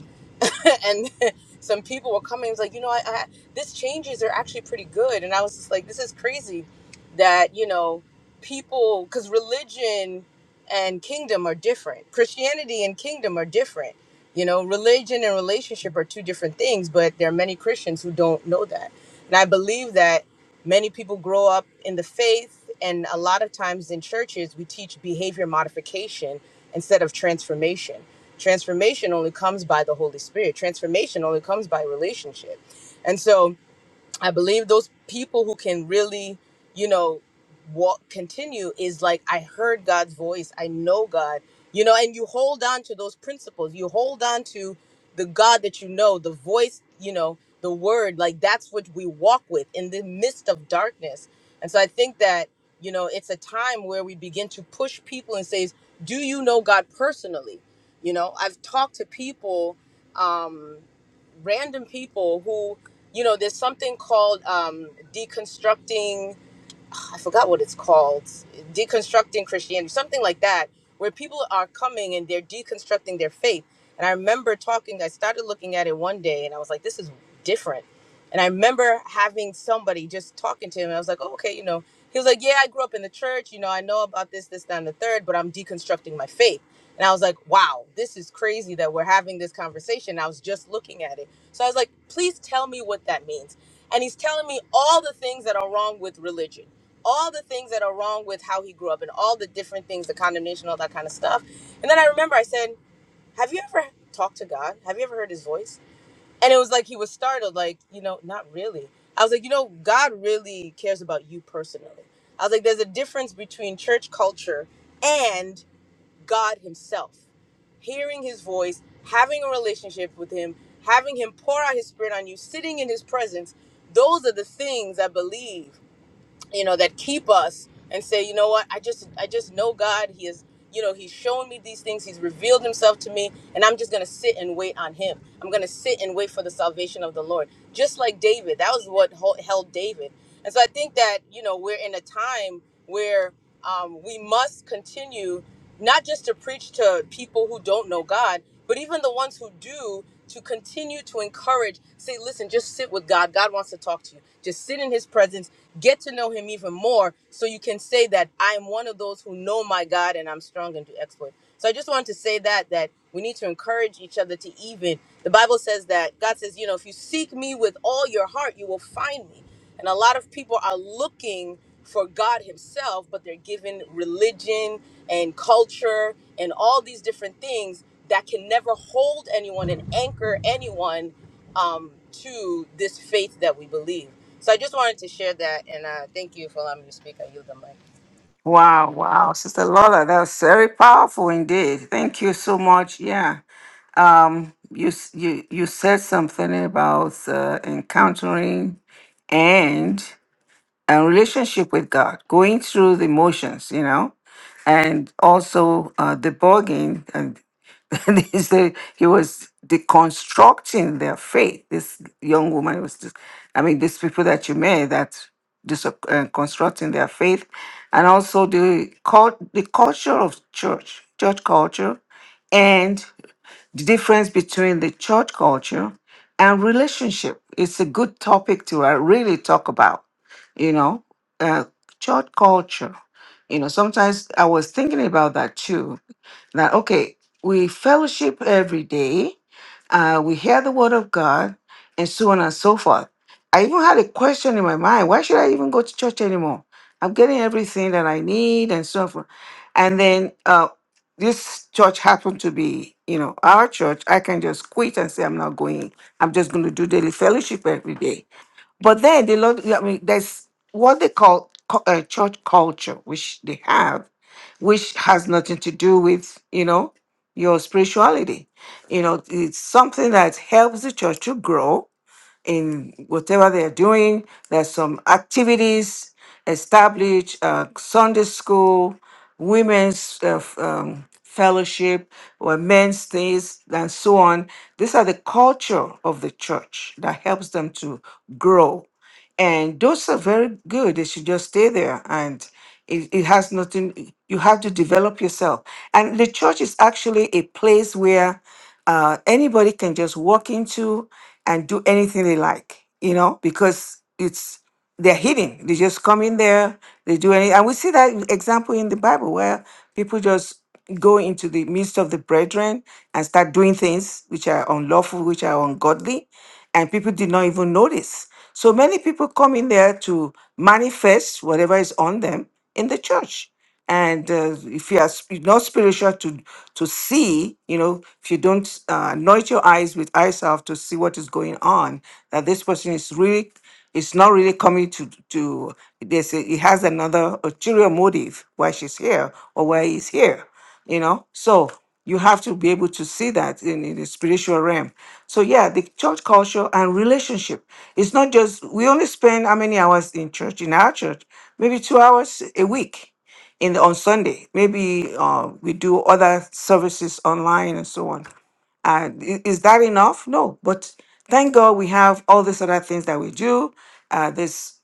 and some people were coming. It was like, you know, I, I, this changes are actually pretty good. And I was just like, this is crazy that, you know, people, because religion and kingdom are different. Christianity and kingdom are different. You know, religion and relationship are two different things, but there are many Christians who don't know that. And I believe that many people grow up in the faith, and a lot of times in churches, we teach behavior modification instead of transformation Transformation only comes by the Holy Spirit. Transformation only comes by relationship. And so, I believe those people who can really, you know, walk continue is like I heard God's voice, I know God, you know, and you hold on to those principles. You hold on to the God that you know, the voice, you know, the word, like that's what we walk with in the midst of darkness. And so I think that, you know, it's a time where we begin to push people and say, Do you know God personally? You know, I've talked to people, um, random people you know, there's something called um, deconstructing I forgot what it's called, deconstructing Christianity, something like that, where people are coming and they're deconstructing their faith. And I remember talking, I started looking at it one day and I was like, this is different. And I remember having somebody just talking to him. And I was like, oh, okay, you know, he was like, yeah, I grew up in the church. You know, I know about this, this, that, and the third, but I'm deconstructing my faith. And I was like, wow, this is crazy that we're having this conversation. I was just looking at it. So I was like, please tell me what that means. And he's telling me all the things that are wrong with religion all the things that are wrong with how he grew up and all the different things, the condemnation, all that kind of stuff. And then I remember I said, Have you ever talked to God? Have you ever heard his voice? And it was like he was startled, like, you know, not really. I was like, you know, God really cares about you personally. I was like, there's a difference between church culture and God himself. Hearing his voice, having a relationship with him, having him pour out his spirit on you, sitting in his presence, those are the things I believe you know that keep us and say you know what i just i just know god he is you know he's shown me these things he's revealed himself to me and i'm just gonna sit and wait on him i'm gonna sit and wait for the salvation of the lord just like david that was what hol- held david and so i think that you know we're in a time where um, we must continue not just to preach to people who don't know God, but even the ones who do to continue to encourage. Say, listen, just sit with God. God wants to talk to you. Just sit in His presence, get to know Him even more, so you can say that I am one of those who know my God and I'm strong and do exploits. So I just wanted to say that that we need to encourage each other to even. The Bible says that God says, you know, if you seek me with all your heart, you will find me. And a lot of people are looking for God Himself, but they're given religion and culture and all these different things that can never hold anyone and anchor anyone um, to this faith that we believe. So I just wanted to share that, and uh, thank you for allowing me to speak. I yield the mic.
Wow, wow, Sister Lola, that was very powerful indeed. Thank you so much. Yeah. um you s- you you said something about uh, encountering and a relationship with god going through the motions you know and also uh debugging and he said he was deconstructing their faith this young woman was just i mean these people that you met that dis- uh, constructing their faith and also the cult the culture of church church culture the difference between the church culture and relationship. It's a good topic to uh, really talk about, you know, uh, church culture. You know, sometimes I was thinking about that too that okay, we fellowship every day, uh, we hear the word of God, and so on and so forth. I even had a question in my mind why should I even go to church anymore? I'm getting everything that I need and so forth. And then uh, this church happened to be, you know, our church. I can just quit and say, I'm not going. I'm just going to do daily fellowship every day. But then they love, I mean, there's what they call cu- uh, church culture, which they have, which has nothing to do with, you know, your spirituality. You know, it's something that helps the church to grow in whatever they're doing. There's some activities established, uh, Sunday school, women's uh, f- um, fellowship, or men's things, and so on. These are the culture of the church that helps them to grow. And those are very good. They should just stay there. And it, it has nothing, you have to develop yourself. And the church is actually a place where uh, anybody can just walk into and do anything they like, you know, because it's they're hidden. They just come in there, they do any and we see that example in the Bible where people just go into the midst of the brethren and start doing things which are unlawful, which are ungodly, and people did not even notice. So many people come in there to manifest whatever is on them in the church. And uh, if you are sp- not spiritual to to see, you know, if you don't uh, anoint your eyes with eye salve to see what is going on, that this person is really it's not really coming to to. There's it has another ulterior motive why she's here or why he's here. You know, so you have to be able to see that in, in the spiritual realm. So yeah, the church culture and relationship. It's not just we only spend how many hours in church in our church, maybe two hours a week in on Sunday. Maybe uh, we do other services online and so on uh, i- is that enough? No, but thank God we have all these other things that we do. Uh, this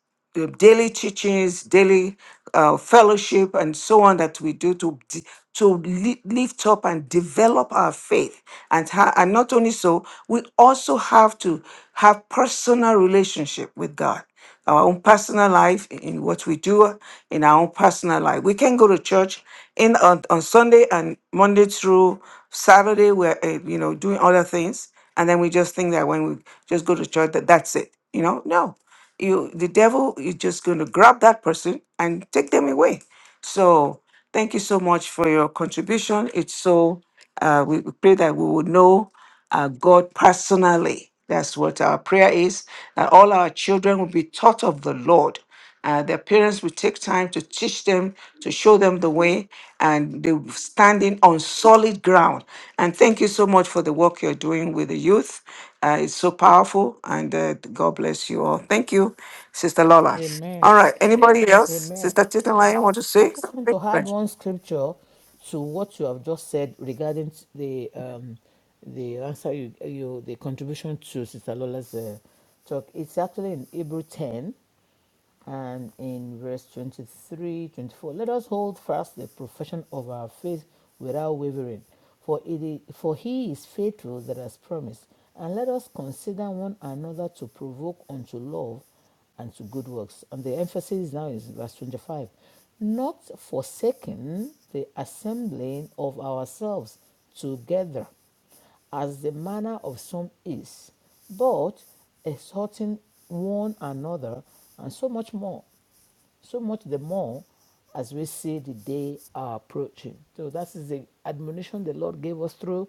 uh, daily teachings, daily uh, fellowship, and so on that we do to d- to li- lift up and develop our faith. And ha- and not only so, we also have to have personal relationship with God our own personal life, in in what we do in our own personal life. We can go to church in on, on Sunday and Monday through Saturday we're uh, you know doing other things, and then we just think that when we just go to church that that's it. You know, no, you the devil is just going to grab that person and take them away. So thank you so much for your contribution. It's so uh, we we pray that we would know uh, God personally. That's what our prayer is. That all our children will be taught of the Lord. Uh, their parents will take time to teach them, to show them the way, and they're standing on solid ground. And thank you so much for the work you're doing with the youth. Uh, it's so powerful, and uh, God bless you all. Thank you, Sister Lola.
Amen.
All right, anybody else?
Amen.
Sister Titilayan, want to
I
say
just want
something?
to add
Right.
one scripture to what you have just said regarding the um, the answer you, you the contribution to Sister Lola's uh, talk. It's actually in Hebrew ten and in verse 23, 24, let us hold fast the profession of our faith without wavering for it is, for he is faithful that has promised and let us consider one another to provoke unto love and to good works and the emphasis now is verse 25 not forsaking the assembling of ourselves together as the manner of some is, but exhorting one another, and so much more, so much the more as we see the day are approaching. So that is the admonition the Lord gave us through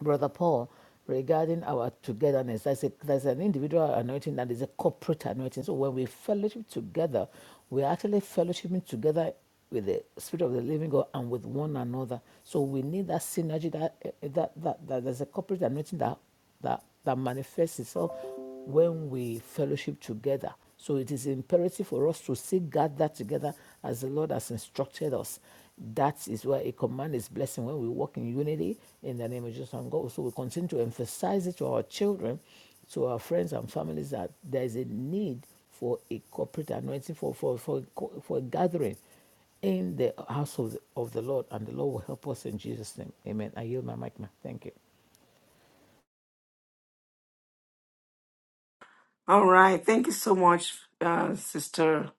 Brother Paul regarding our togetherness. That's, a, that's an individual anointing that is a corporate anointing. So when we fellowship together, we're actually fellowshipping together with the Spirit of the Living God and with one another. So we need that synergy that, that, that, that there's a corporate anointing that, that, that manifests itself when we fellowship together. So it is imperative for us to seek God that together as the Lord has instructed us. That is where a command is blessing when we walk in unity in the name of Jesus and God. So we continue to emphasize it to our children, to our friends and families that there is a need for a corporate anointing, for, for, for, for a gathering in the house of the, of the Lord, and the Lord will help us in Jesus' name. Amen. I yield my mic, ma'am. Thank you.
All right. Thank you so much, uh, Sister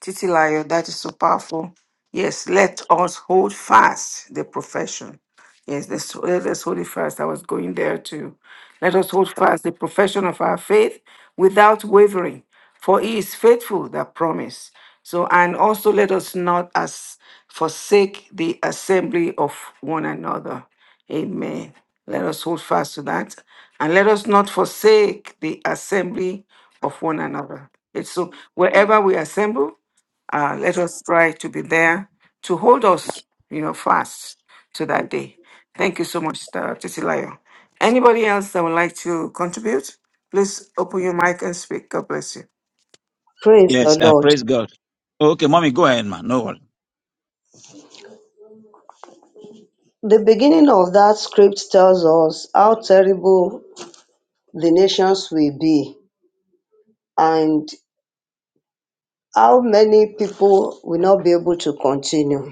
Titilayo. That is so powerful. Yes, let us hold fast the profession. Yes, let's, let us hold it fast. I was going there too. Let us hold fast the profession of our faith without wavering, for he is faithful that promise. So, and also let us not as forsake the assembly of one another. Amen. Let us hold fast to that. And let us not forsake the assembly of one another. It's so wherever we assemble, uh, let us try to be there to hold us, you know, fast to that day. Thank you so much, Dr. Titilayo. Anybody else that would like to contribute? Please open your mic and speak. God bless you.
Praise the
Yes, uh,
Lord.
praise God. Okay, mommy, go ahead, man. No worry.
The beginning of that script tells us how terrible the nations will be and how many people will not be able to continue.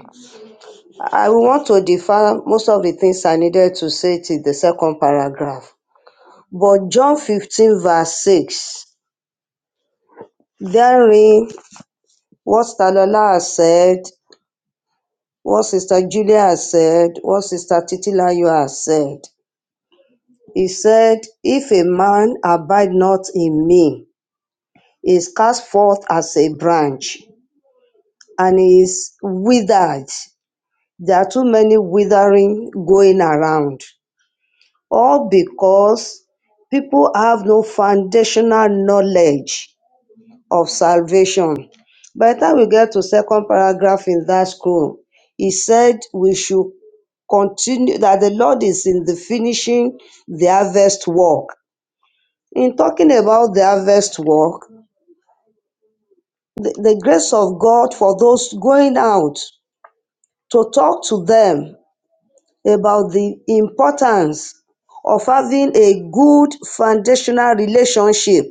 I will want to defer most of the things I needed to say to the second paragraph. But John 15, verse 6, therein, what Talola has said, what Sister Julia has said, what Sister Titilayo has said, he said, If a man abide not in me, is cast forth as a branch and is withered. There are too many withering going around. All because people have no foundational knowledge of salvation. By the time we get to second paragraph in that scroll, he said we should continue that the Lord is in the finishing the harvest work. In talking about the harvest work, the, the grace of God for those going out to talk to them about the importance of having a good foundational relationship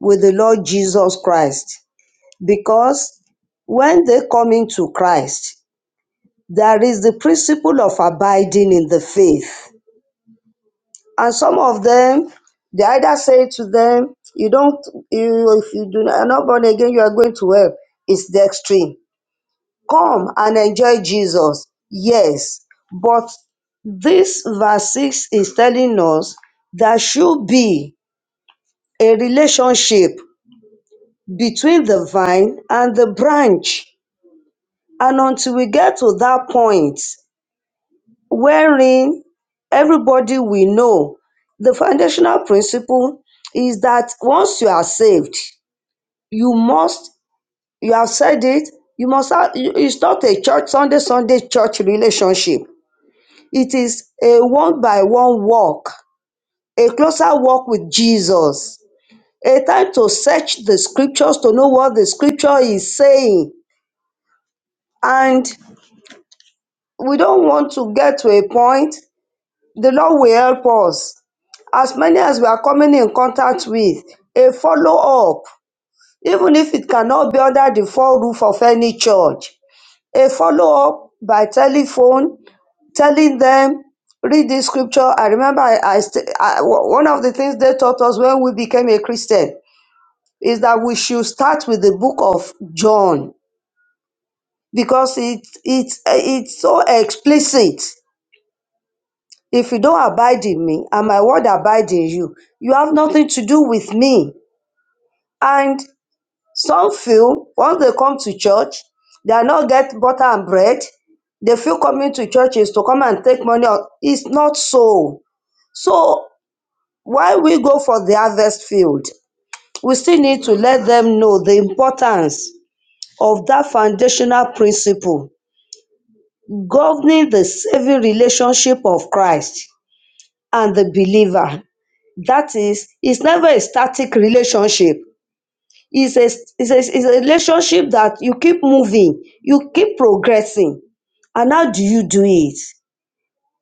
with the Lord Jesus Christ. Because when they come into Christ, there is the principle of abiding in the faith. And some of them, they either say to them, You don't, you, if you do not, are not born again, you are going to hell. It's the extreme Come and enjoy Jesus, yes, but this verse 6 is telling us there should be a relationship between the vine and the branch. And until we get to that point wherein everybody we know, the foundational principle is that once you are saved, you must, you have said it, you must have, it's not a church, Sunday, Sunday church relationship It is a one by one walk, a closer walk with Jesus, a time to search the scriptures to know what the scripture is saying. And we don't want to get to a point, the Lord will help us. As many as we are coming in contact with, a follow up, even if it cannot be under the full roof of any church. a follow up by telephone telling them read this scripture i remember i, I, st- I w- one of the things they taught us when we became a christian is that we should start with the book of john because it it it's so explicit if you don't abide in me and my word abide in you you have nothing to do with me and Some feel once they come to church, they are not get butter and bread. They feel coming to church is to come and take money. out. It's not so. So why we go for the harvest field? We still need to let them know the importance of that foundational principle governing the saving relationship of Christ and the believer. That is, it's never a static relationship. It's a, it's, a, it's a relationship that you keep moving, you keep progressing. And how do you do it?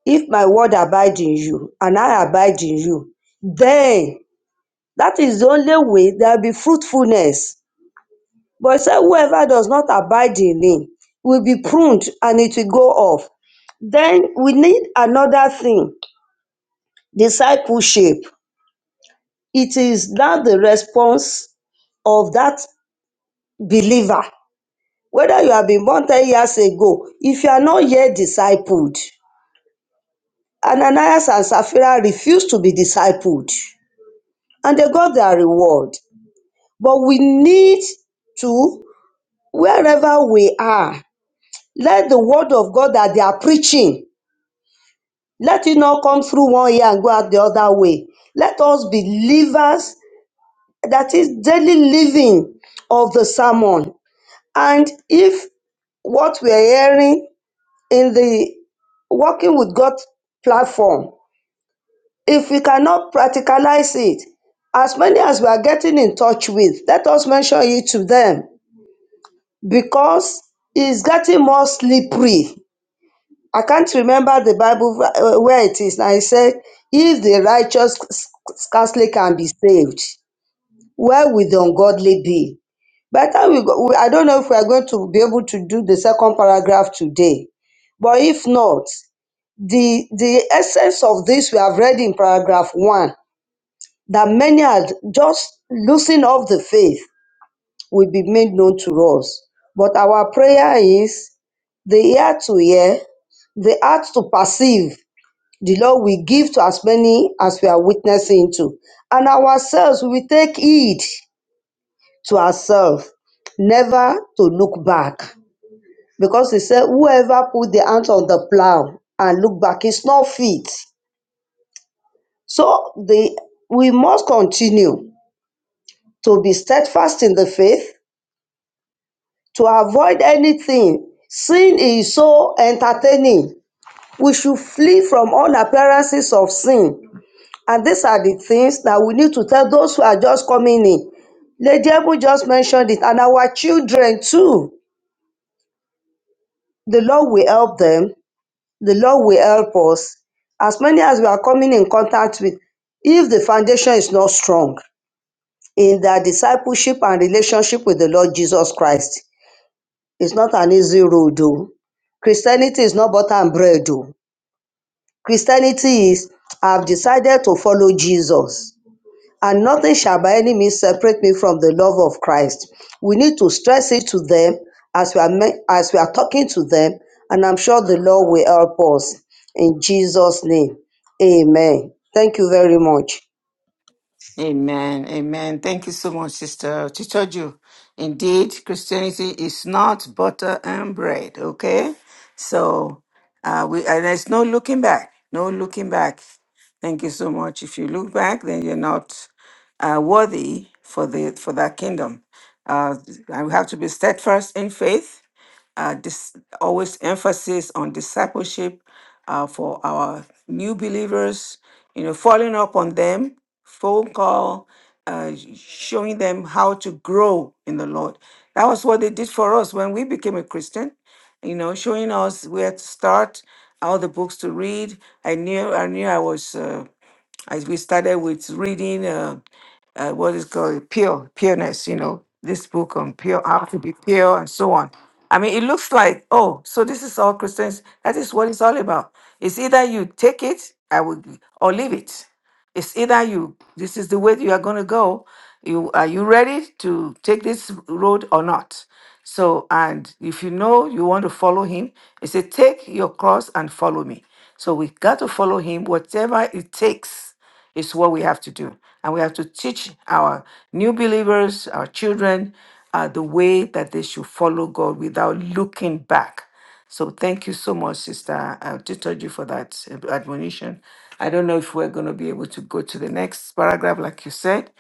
If my word abide in you and I abide in you, then that is the only way there will be fruitfulness. But it said, whoever does not abide in me will be pruned and it will go off. Then we need another thing discipleship. It is now the response of that believer whether you have been born 10 years ago, if you are not yet discipled, Ananias and Sapphira refused to be discipled and they got their reward. But we need to, wherever we are, let the word of God that they are preaching, let it not come through one ear and go out the other way. Let us be livers, that is daily living of the sermon. And if what we are hearing in the working with God platform, if we cannot practicalize it, as many as we are getting in touch with, let us mention it to them because it's getting more slippery. I can't remember the Bible uh, where it is. Now it said, if the righteous scarcely can be saved where will the ungodly be? By the time we go, we- I don't know if we are going to be able to do the second paragraph today, but if not, the the essence of this we have read in paragraph one that many are just losing of the faith will be made known to us. But our prayer is the ear to hear, the heart to perceive. The Lord will give to as many as we are witnessing to, and ourselves we will take heed to ourselves never to look back because he said whoever put the hands on the plow and look back is not fit so the we must continue to be steadfast in the faith to avoid anything sin is so entertaining we should flee from all appearances of sin and these are the things that we need to tell those who are just coming in lady Ebu just mentioned it and our children too the lord will help them the Lord will help us. As many as we are coming in contact with, if the foundation is not strong in their discipleship and relationship with the Lord Jesus Christ, it's not an easy road, though. Christianity is not butter and bread, though. Christianity is, I've decided to follow Jesus and nothing shall by any means separate me from the love of Christ. We need to stress it to them as we are me- as we are talking to them, and I'm sure the Lord will help us in Jesus' name. Amen. Thank you very much.
Amen. Amen. Thank you so much, Sister Chichoju. Indeed, Christianity is not butter and bread. Okay. So uh, we and there's no looking back. No looking back. Thank you so much. If you look back, then you're not uh, worthy for the for that kingdom. Uh, and we have to be steadfast in faith. Uh, this always emphasis on discipleship uh, for our new believers, you know, following up on them, phone call, uh, showing them how to grow in the Lord. That was what they did for us when we became a Christian, you know, showing us where to start, all the books to read. I knew, I knew I was, uh, as we started with reading. Uh, uh, what is called pure pureness you know this book on pure how to be pure and so on i mean it looks like oh so this is all christians that is what it's all about it's either you take it i will or leave it it's either you this is the way you are going to go you are you ready to take this road or not so and if you know you want to follow him he said take your cross and follow me so we got to follow him whatever it takes it's what we have to do. And we have to teach our new believers, our children, uh, the way that they should follow God without looking back. So thank you so much, Sister uh, Titoji, for that uh, admonition. I don't know if we're going to be able to go to the next paragraph, like you said.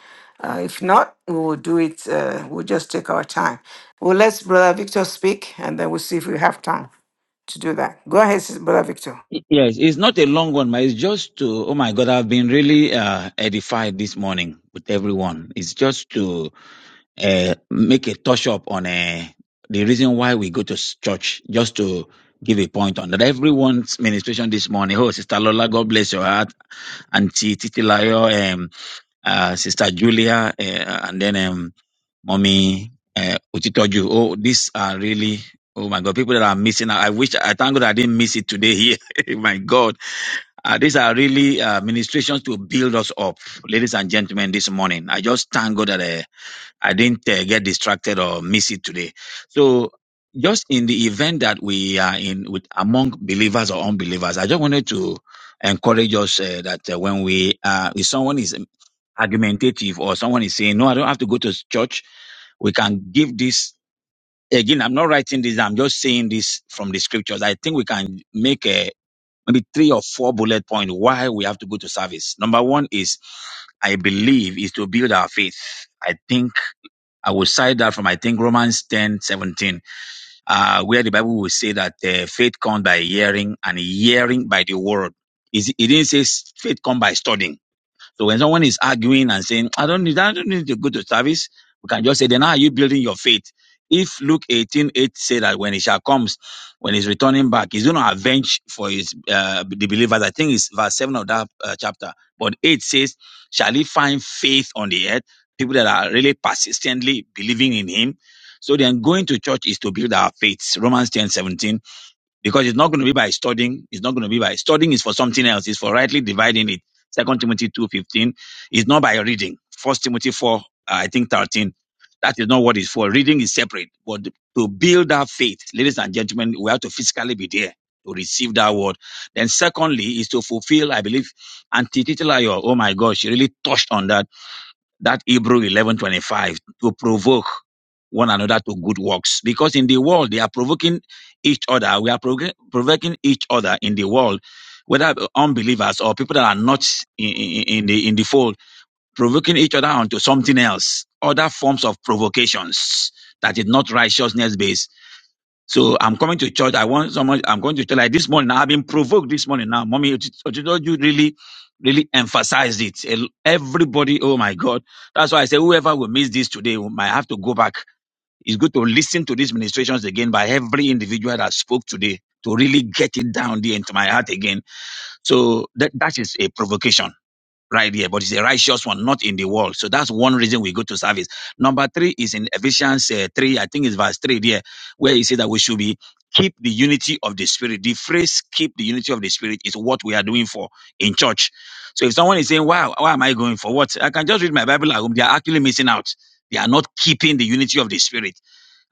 Uh, if not, we will do it. Uh, we'll just take our time. We'll let Brother Victor speak, and then we'll see if we have time to do that. Go ahead, Sis- Brother Victor.
Y- Yes, it's not a long one, but it's just to, oh my God, I've been really uh, edified this morning with everyone. It's just to uh, make a touch up on uh, the reason why we go to s- church, just to give a point on that. Everyone's ministration this morning. Oh, Sister Lola, God bless your heart. Auntie Titilayo, um, uh, Sister Julia, uh, and then um, Mommy uh, Utitoju. Oh, these are really, oh my God, people that are missing. out. I wish, I thank God I didn't miss it today here. my God. Uh, these are really uh, ministrations to build us up, ladies and gentlemen, this morning. I just thank God that uh, I didn't uh, get distracted or miss it today. So, just in the event that we are in with among believers or unbelievers, I just wanted to encourage us uh, that uh, when we, uh, if someone is argumentative or someone is saying, no, I don't have to go to church we can give this again i'm not writing this i'm just saying this from the scriptures i think we can make a maybe three or four bullet point why we have to go to service number one is i believe is to build our faith i think i will cite that from i think romans 10:17, uh, where the bible will say that uh, faith comes by hearing and hearing by the word is it didn't say s- faith comes by studying so when someone is arguing and saying, I don't need, I don't need to go to service, we can just say, then how are you building your faith? If Luke 18:8 8 say that when he shall comes, when he's returning back, he's going to avenge for his, uh, the believers. I think it's verse 7 of that uh, chapter. But 8 says, shall he find faith on the earth? People that are really persistently believing in him. So then going to church is to build our faith. Romans 10:17 because it's not going to be by studying. It's not going to be by studying is for something else. It's for rightly dividing it. Second Timothy two fifteen It's not by reading. First Timothy four, uh, I think thirteen. That is not what it's for. Reading is separate, but to build our faith, ladies and gentlemen, we have to physically be there to receive that word. Then secondly is to fulfill, I believe, Auntie Titilayo, oh my gosh, she really touched on that that Hebrew 11:25 to provoke one another to good works because in the world they are provoking each other. We are provoking provoking each other in the world, whether unbelievers or people that are not in, in, in the in the fold, provoking each other onto something else. Other forms of provocations that is not righteousness based so I'm coming to church. I want someone. I'm going to church like this morning. I've been provoked this morning. Now, mommy, Ochido, you know, you really, really emphasized it. El- Everybody, oh my God. That's why I say whoever will miss this today will- might have to go back. It's good to listen to these ministrations again by every individual that spoke today to really get it down there into my heart again. So that, that is a provocation right here, but it's a righteous one, not in the world. So that's one reason we go to service. Number three is in Ephesians uh, 3, I think it's verse 3 there, where he said that we should be keep the unity of the spirit. The phrase keep the unity of the spirit is what we are doing for in church. So if someone is saying, wow, why am I going for what? I can just read my Bible at home. They are actually missing out. They are not keeping the unity of the spirit.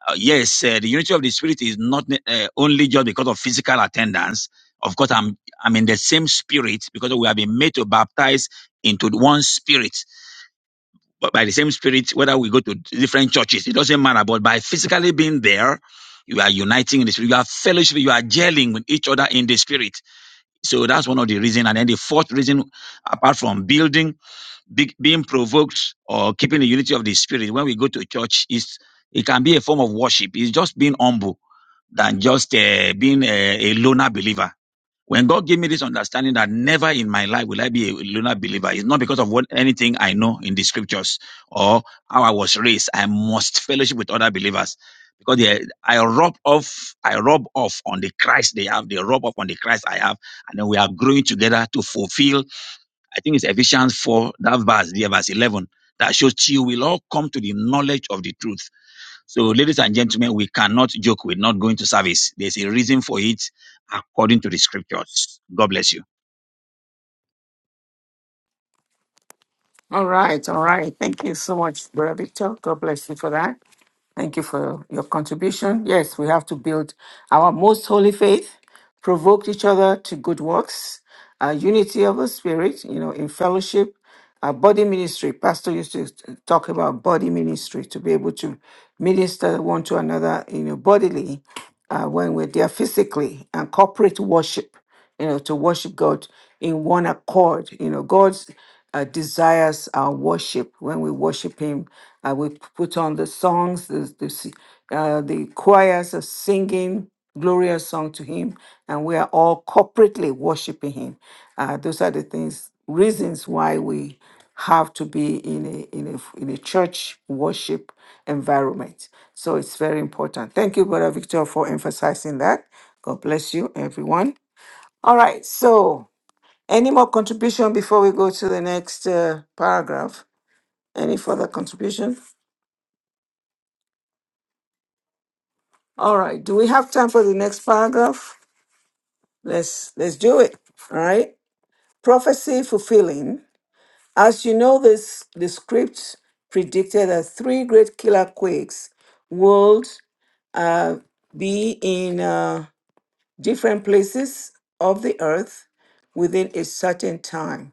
Uh, yes, uh, the unity of the spirit is not uh, only just because of physical attendance. Of course, I'm I'm in the same spirit because we have been made to baptize into one spirit. But by the same spirit, whether we go to different churches, it doesn't matter. But by physically being there, you are uniting in the spirit. You are fellowship. You are gelling with each other in the spirit. So that's one of the reason. And then the fourth reason, apart from building, be, being provoked or keeping the unity of the spirit, when we go to church, is it can be a form of worship. It's just being humble than just uh, being a, a loner believer. When God gave me this understanding that never in my life will I be a loner believer, it's not because of what anything I know in the scriptures or how I was raised. I must fellowship with other believers because they, I rub off, I rub off on the Christ they have, they rub off on the Christ I have, and then we are growing together to fulfill. I think it's Ephesians four, that verse, there, verse eleven, that shows you will all come to the knowledge of the truth. So, ladies and gentlemen, we cannot joke with not going to service. There's a reason for it according to the scriptures. God bless you.
All right, all right. Thank you so much, Brother Victor. God bless you for that. Thank you for your contribution. Yes, we have to build our most holy faith, provoke each other to good works, uh, unity of the spirit, you know, in fellowship, uh, body ministry. Pastor used to talk about body ministry to be able to minister one to another, you know, bodily uh, when we're there physically and corporate worship, you know, to worship God in one accord. You know, God's uh, desires our worship. When we worship Him, uh, we put on the songs, the, the, s- uh, the choirs are singing glorious song to Him, and we are all corporately worshiping Him. Uh, those are the things, reasons why we have to be in a in a in a church worship environment. So it's very important. Thank you, Brother Victor, for emphasizing that. God bless you, everyone. All right. So, any more contribution before we go to the next uh, paragraph? Any further contribution? All right. Do we have time for the next paragraph? Let's let's do it. All right. Prophecy fulfilling. As you know, this the script predicted that three great killer quakes would uh, be in. Uh, different places of the earth within a certain time.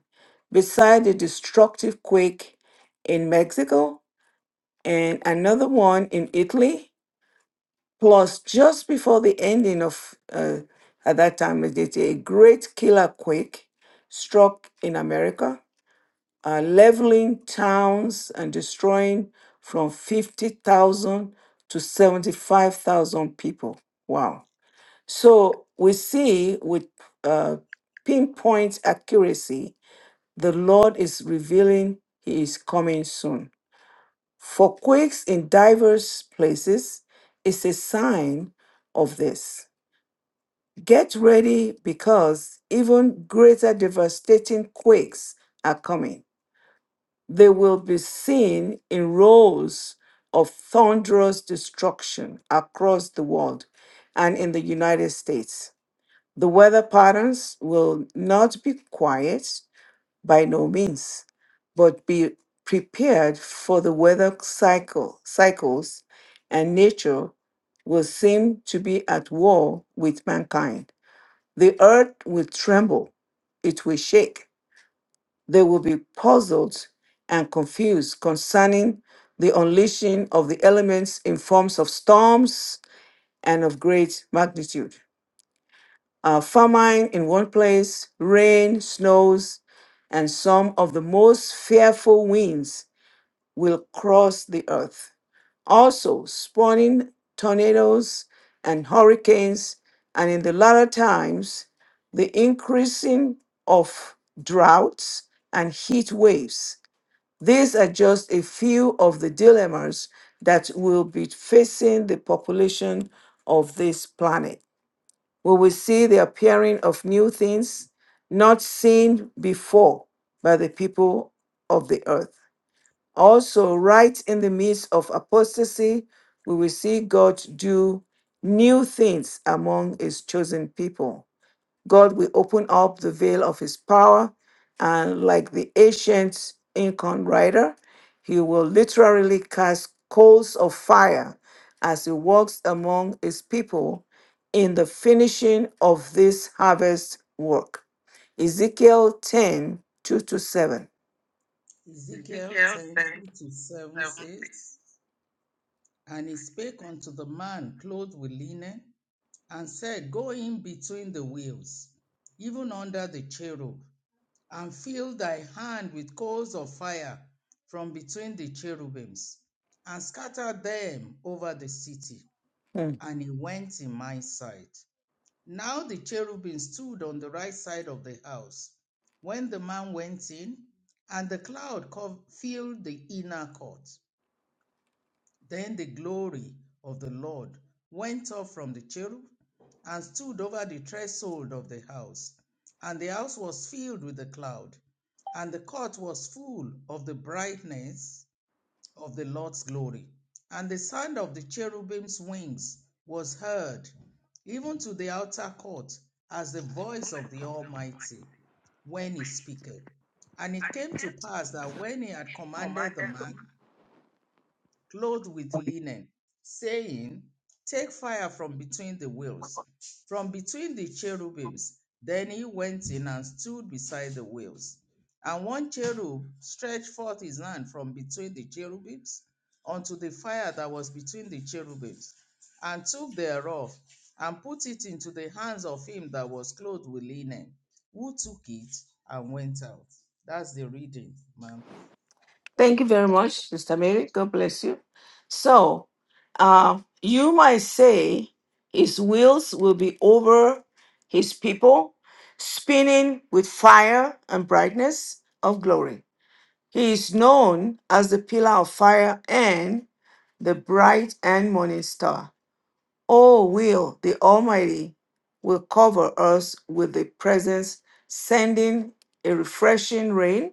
Beside the destructive quake in Mexico and another one in Italy, plus just before the ending of uh, at that time of the a great killer quake struck in America, uh, leveling towns and destroying from 50,000 to 75,000 people. Wow so we see with uh, pinpoint accuracy, the Lord is revealing He is coming soon. For quakes in diverse places is a sign of this. Get ready because even greater devastating quakes are coming. They will be seen in rows of thunderous destruction across the world and in the United States. The weather patterns will not be quiet by no means, but be prepared for the weather cycle cycles and nature will seem to be at war with mankind. The earth will tremble, it will shake. They will be puzzled and confused concerning the unleashing of the elements in forms of storms and of great magnitude uh, famine in one place, rain, snows, and some of the most fearful winds will cross the earth. Also, spawning tornadoes and hurricanes, and in the latter times, the increasing of droughts and heat waves. These are just a few of the dilemmas that will be facing the population of this planet. We will see the appearing of new things not seen before by the people of the earth. Also, right in the midst of apostasy, we will see God do new things among his chosen people. God will open up the veil of his power, and like the ancient Incan rider, he will literally cast coals of fire as he walks among his people in the finishing of this harvest work. Ezekiel 10 2 to 7.
Ezekiel 10 to 7 says, And he spake unto the man clothed with linen, and said, Go in between the wheels, even under the cherub, and fill thy hand with coals of fire from between the cherubims, and scatter them over the city.
Hmm.
And he went in my sight. Now the cherubim stood on the right side of the house when the man went in, and the cloud filled the inner court. Then the glory of the Lord went up from the cherub and stood over the threshold of the house. And the house was filled with the cloud, and the court was full of the brightness of the Lord's glory. And the sound of the cherubim's wings was heard, even to the outer court, as the voice of the Almighty, when he speaketh. And it came to pass that when he had commanded the man, clothed with linen, saying, Take fire from between the wheels, from between the cherubims. Then he went in and stood beside the wheels. And one cherub stretched forth his hand from between the cherubims unto the fire that was between the cherubims, and took thereof, and put it into the hands of him that was clothed with linen, who took it and went out. That's the reading, ma'am.
Thank you very much, Sister Mary. God bless you. So, uh, you might say his wheels will be over his people, spinning with fire and brightness of glory. He is known as the pillar of fire and the bright and morning star. Oh, will the Almighty will cover us with the presence, sending a refreshing rain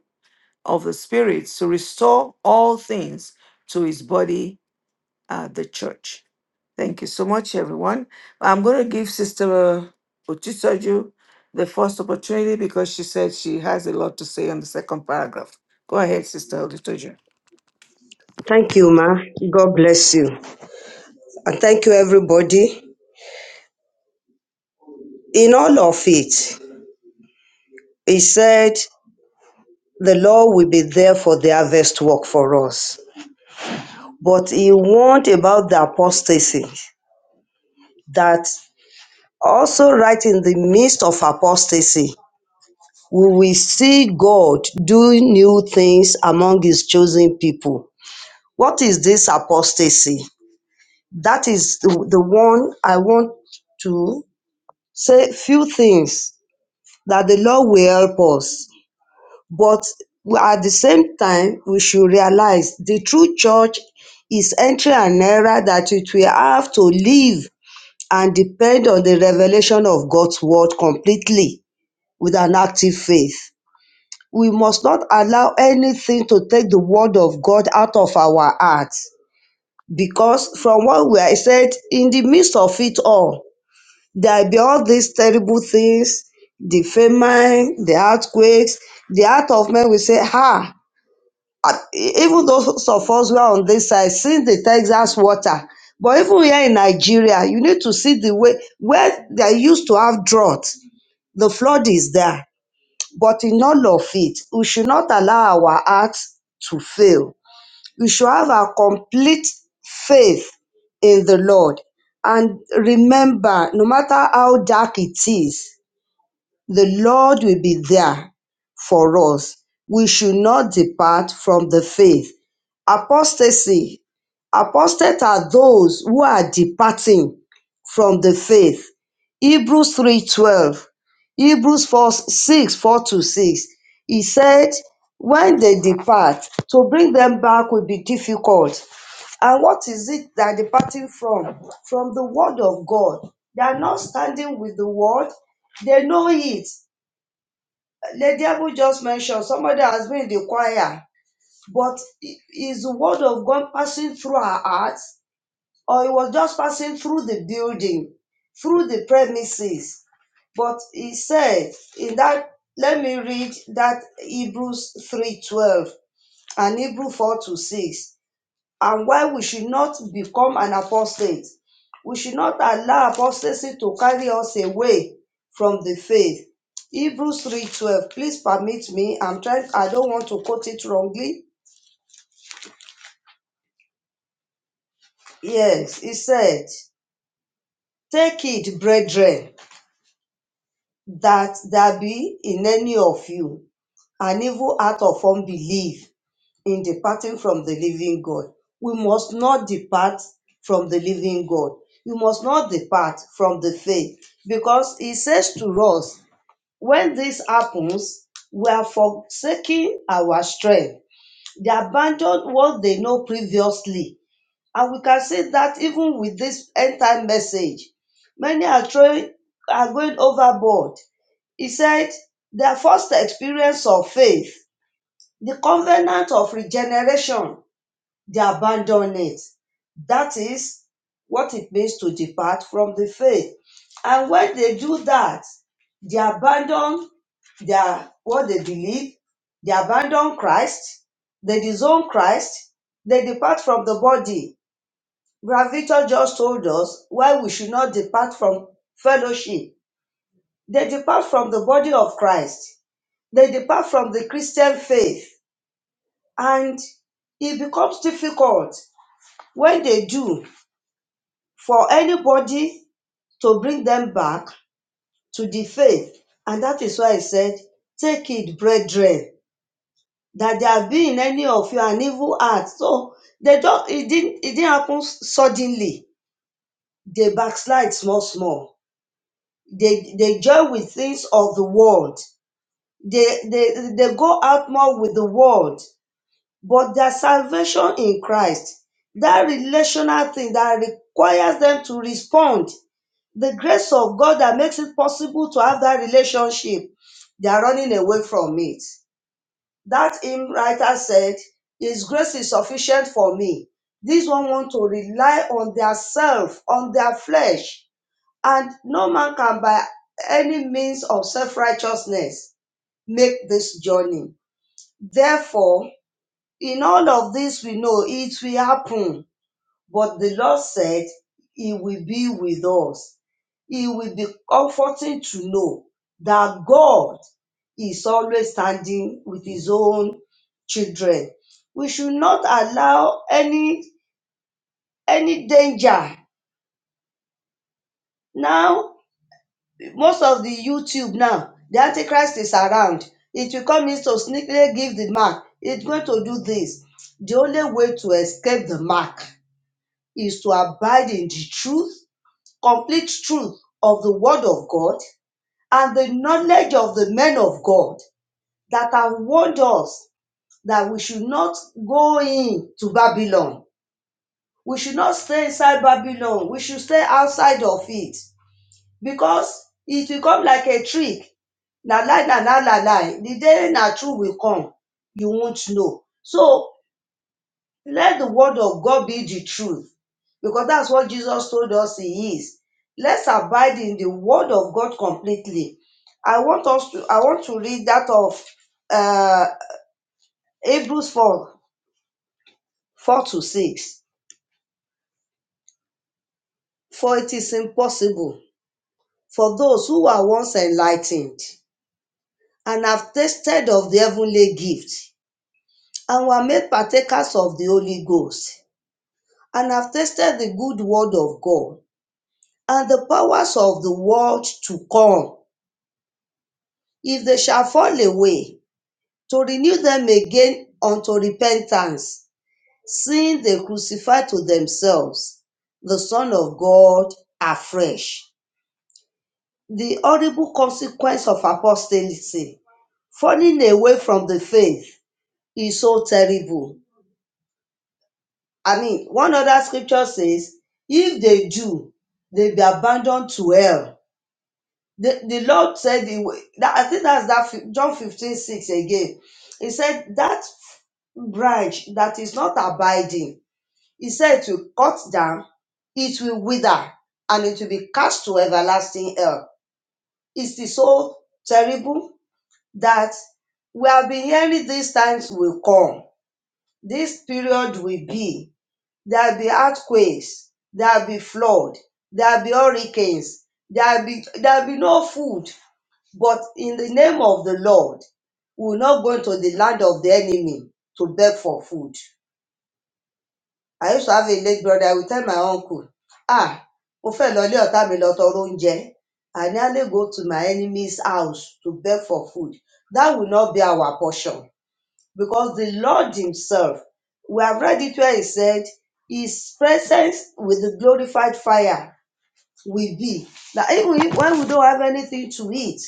of the Spirit to restore all things to his body, uh, the church. Thank you so much, everyone. I'm going to give Sister Ochisoju the first opportunity because she said she has a lot to say on the second paragraph. Go ahead, Sister Ochisoju.
Thank you, ma. God bless you, and thank you, everybody. In all of it, he said the Lord will be there for the harvest work for us, but he warned about the apostasy that Also, right in the midst of apostasy, we will see God doing new things among his chosen people. What is this apostasy? That is the, the one I want to say few things that the Lord will help us. But we- at the same time, we should realize the true church is entering an era that it will have to live and depend on the revelation of God's word completely with an active faith. We must not allow anything to take the word of God out of our hearts because from what we are said, in the midst of it all, there will be all these terrible things, the famine, the earthquakes, the heart of men will say, ha, ah, e-, even those of us who are on this side, since the Texas water, but even here in Nigeria, you need to see the way where they used to have drought, the flood is there but in all of it, we should not allow our hearts to fail. We should have a complete faith in the Lord. And remember, no matter how dark it is, the Lord will be there for us. We should not depart from the faith. Apostasy. Apostate are those who are departing from the faith. Hebrews 3:12. Hebrews 4 6 4 to 6. He said, when they depart, to bring them back will be difficult. And what is it they're departing from? From the word of God. They are not standing with the word. They know it. Lady Abu just mentioned somebody has been in the choir, but i- is the word of God passing through her heart, or it was just passing through the building, through the premises? But he said in that, let me read that Hebrews three twelve and Hebrew four to six and why we should not become an apostate. We should not allow apostasy to carry us away from the faith. Hebrews 3:12. Please permit me. I'm trying I don't want to quote it wrongly. Yes, it said, "Take it, brethren, that there be in any of you an evil heart of unbelief, in departing from the living God. We must not depart from the living God. You must not depart from the faith because he says to us, when this happens, we are forsaking our strength. They abandon what they know previously. And we can see that even with this end time message, many are throwing, are going overboard. He said, their first experience of faith, the covenant of regeneration they abandon it. That is what it means to depart from the faith. And when they do that, they abandon their what they believe, they abandon Christ, they disown Christ, they depart from the body. Gravito just told us why we should not depart from fellowship. They depart from the body of Christ. They depart from the Christian faith. And it becomes difficult when they do for anybody to bring them back to the faith. And that is why I said, Take it, brethren, that there have been in any of you an evil heart. So they don't it didn't it didn't happen suddenly. They backslide small small. They they join with things of the world. They they they go out more with the world, but their salvation in Christ, that relational thing that requires them to respond the grace of God that makes it possible to have that relationship, they are running away from it. That hymn writer said, His grace is sufficient for me. These one want to rely on their self, on their flesh, and no man can by any means of self-righteousness make this journey. Therefore, in all of this we know it will happen but the Lord said, He will be with us. It will be comforting to know that God is always standing with His own children. We should not allow any any danger. Now, most of the YouTube now, the Antichrist is around. It will come in to sneakily give the mark. It's going to do this. The only way to escape the mark is to abide in the truth complete truth of the Word of God and the knowledge of the men of God that have warned us that we should not go into Babylon. We should not stay inside Babylon. We should stay outside of it because it will come like a trick. Na lie, na lie, na lie. The day na truth will come, you won't know. So Let the word of God be the truth, because that's what Jesus told us He is. Let's abide in the word of God completely. I want us to I want to read that of uh, Hebrews 4, 4 to 6. For it is impossible for those who are once enlightened and have tasted of the heavenly gift and were made partakers of the Holy Ghost and have tasted the good word of God and the powers of the world to come if they shall fall away, to renew them again unto repentance, seeing they crucify to themselves the Son of God afresh. The horrible consequence of apostasy, falling away from the faith, is so terrible. I mean, one other scripture says, if they do, they be abandoned to hell The, the Lord said, the, way- that, I think that's that fif- John 15 6 again. He said, that branch that is not abiding, he said to cut down, it will wither and it will be cast to everlasting hell. Is it is so terrible that we have been hearing these times will come, this period will be, there'll be earthquakes, there'll be flood, there'll be hurricanes, there'll be there'll be no food, but in the name of the Lord, we will not go into the land of the enemy to beg for food. I used to have a late brother, I would tell my uncle, ah, mo fẹ́ lọ ilé ọ̀tá mi lọ tọrọ oúnjẹ. I nearly go to my enemy's house to beg for food. That will not be our portion because the Lord himself, we have read it where he said, his presence with the glorified fire will be that even if- when we don't have anything to eat,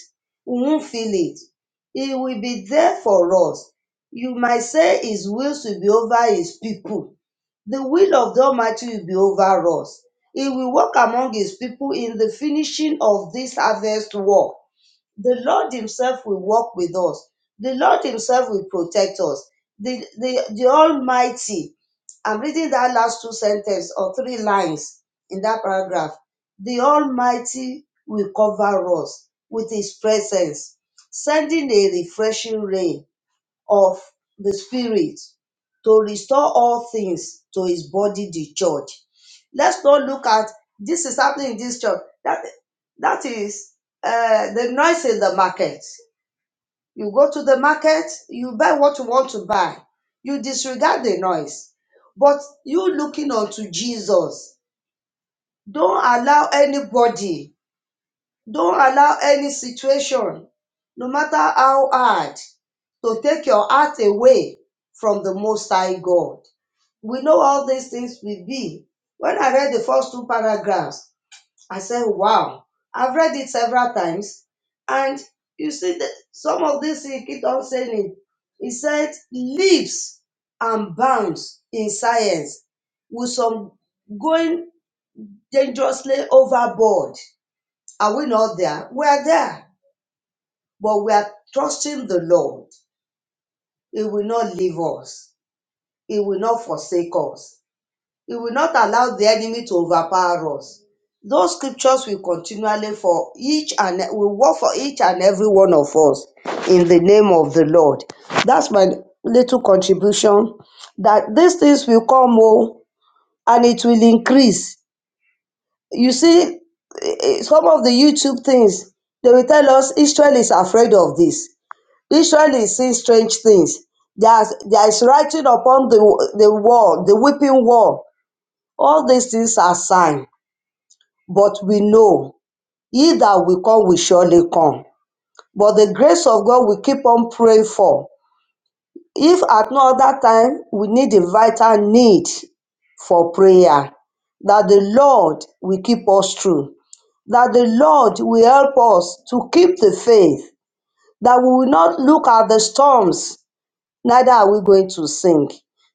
we won't feel it. It will be there for us. You might say His will will be over His people. The will of the Almighty will be over us. He will work among His people in the finishing of this harvest work the Lord Himself will walk with us. The Lord Himself will protect us. The, the, the Almighty, I'm reading that last two sentences or three lines in that paragraph. The Almighty will cover us with His presence, sending a refreshing rain of the Spirit to restore all things to his body, the church. Let's not look at this is happening in this church. That, that is uh, the noise in the market. You go to the market, you buy what you want to buy, you disregard the noise. But you looking unto Jesus, don't allow anybody don't allow any situation, no matter how hard, to take your heart away from the Most High God. We know all these things will be. When I read the first two paragraphs, I said, wow, I've read it several times. And you see that some of this he keep on saying it. He said, lives and bounds in science with some going dangerously overboard are we not there? We are there, but we are trusting the Lord. He will not leave us. He will not forsake us. He will not allow the enemy to overpower us. Those scriptures will continually for each and e, will work for each and every one of us in the name of the Lord. That's my little contribution. That these things will come more and it will increase. You see, eh, eh, some of the YouTube things they will tell us Israel is afraid of this. Israel is seeing strange things. There's, there is writing upon the, the wall, the weeping wall. All these things are signs, but we know he that will come will surely come. But the grace of God we keep on praying for. If at no other time, we need a vital need for prayer that the Lord will keep us true, that the Lord will help us to keep the faith, that we will not look at the storms neither are we going to sink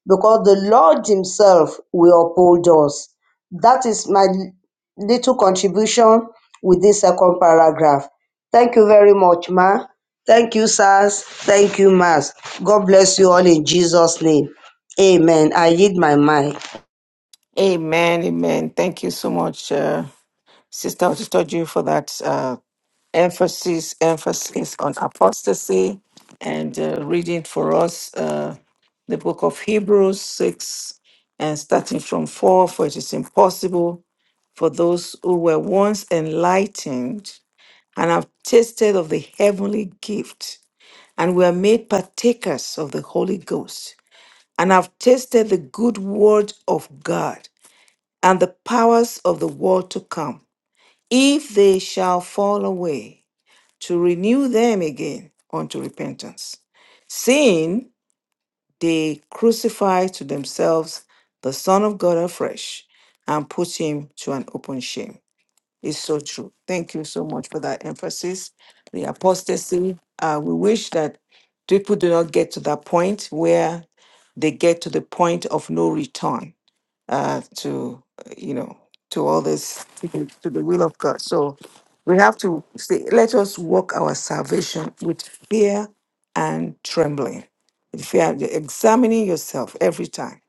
because the Lord Himself will uphold us. That is my little contribution with this second paragraph. Thank you very much, Ma. Thank you, sirs. Thank you, Mas. God bless you all in Jesus' name. Amen. I yield my mic.
Amen, amen. Thank you so much, uh, Sister Otoju, for that. uh, emphasis emphasis on apostasy and uh, reading for us uh, the book of hebrews 6 and starting from 4 for it is impossible for those who were once enlightened and have tasted of the heavenly gift and were made partakers of the holy ghost and have tasted the good word of god and the powers of the world to come if they shall fall away to renew them again unto repentance, seeing they crucify to themselves the Son of God afresh and put him to an open shame. It's so true. Thank you so much for that emphasis. The apostasy, uh, we wish that people do not get to that point where they get to the point of no return uh, to uh, you know to all this to the to the will of God. So we have to say, let us walk our salvation with fear and trembling. With fear, and- examining yourself every time.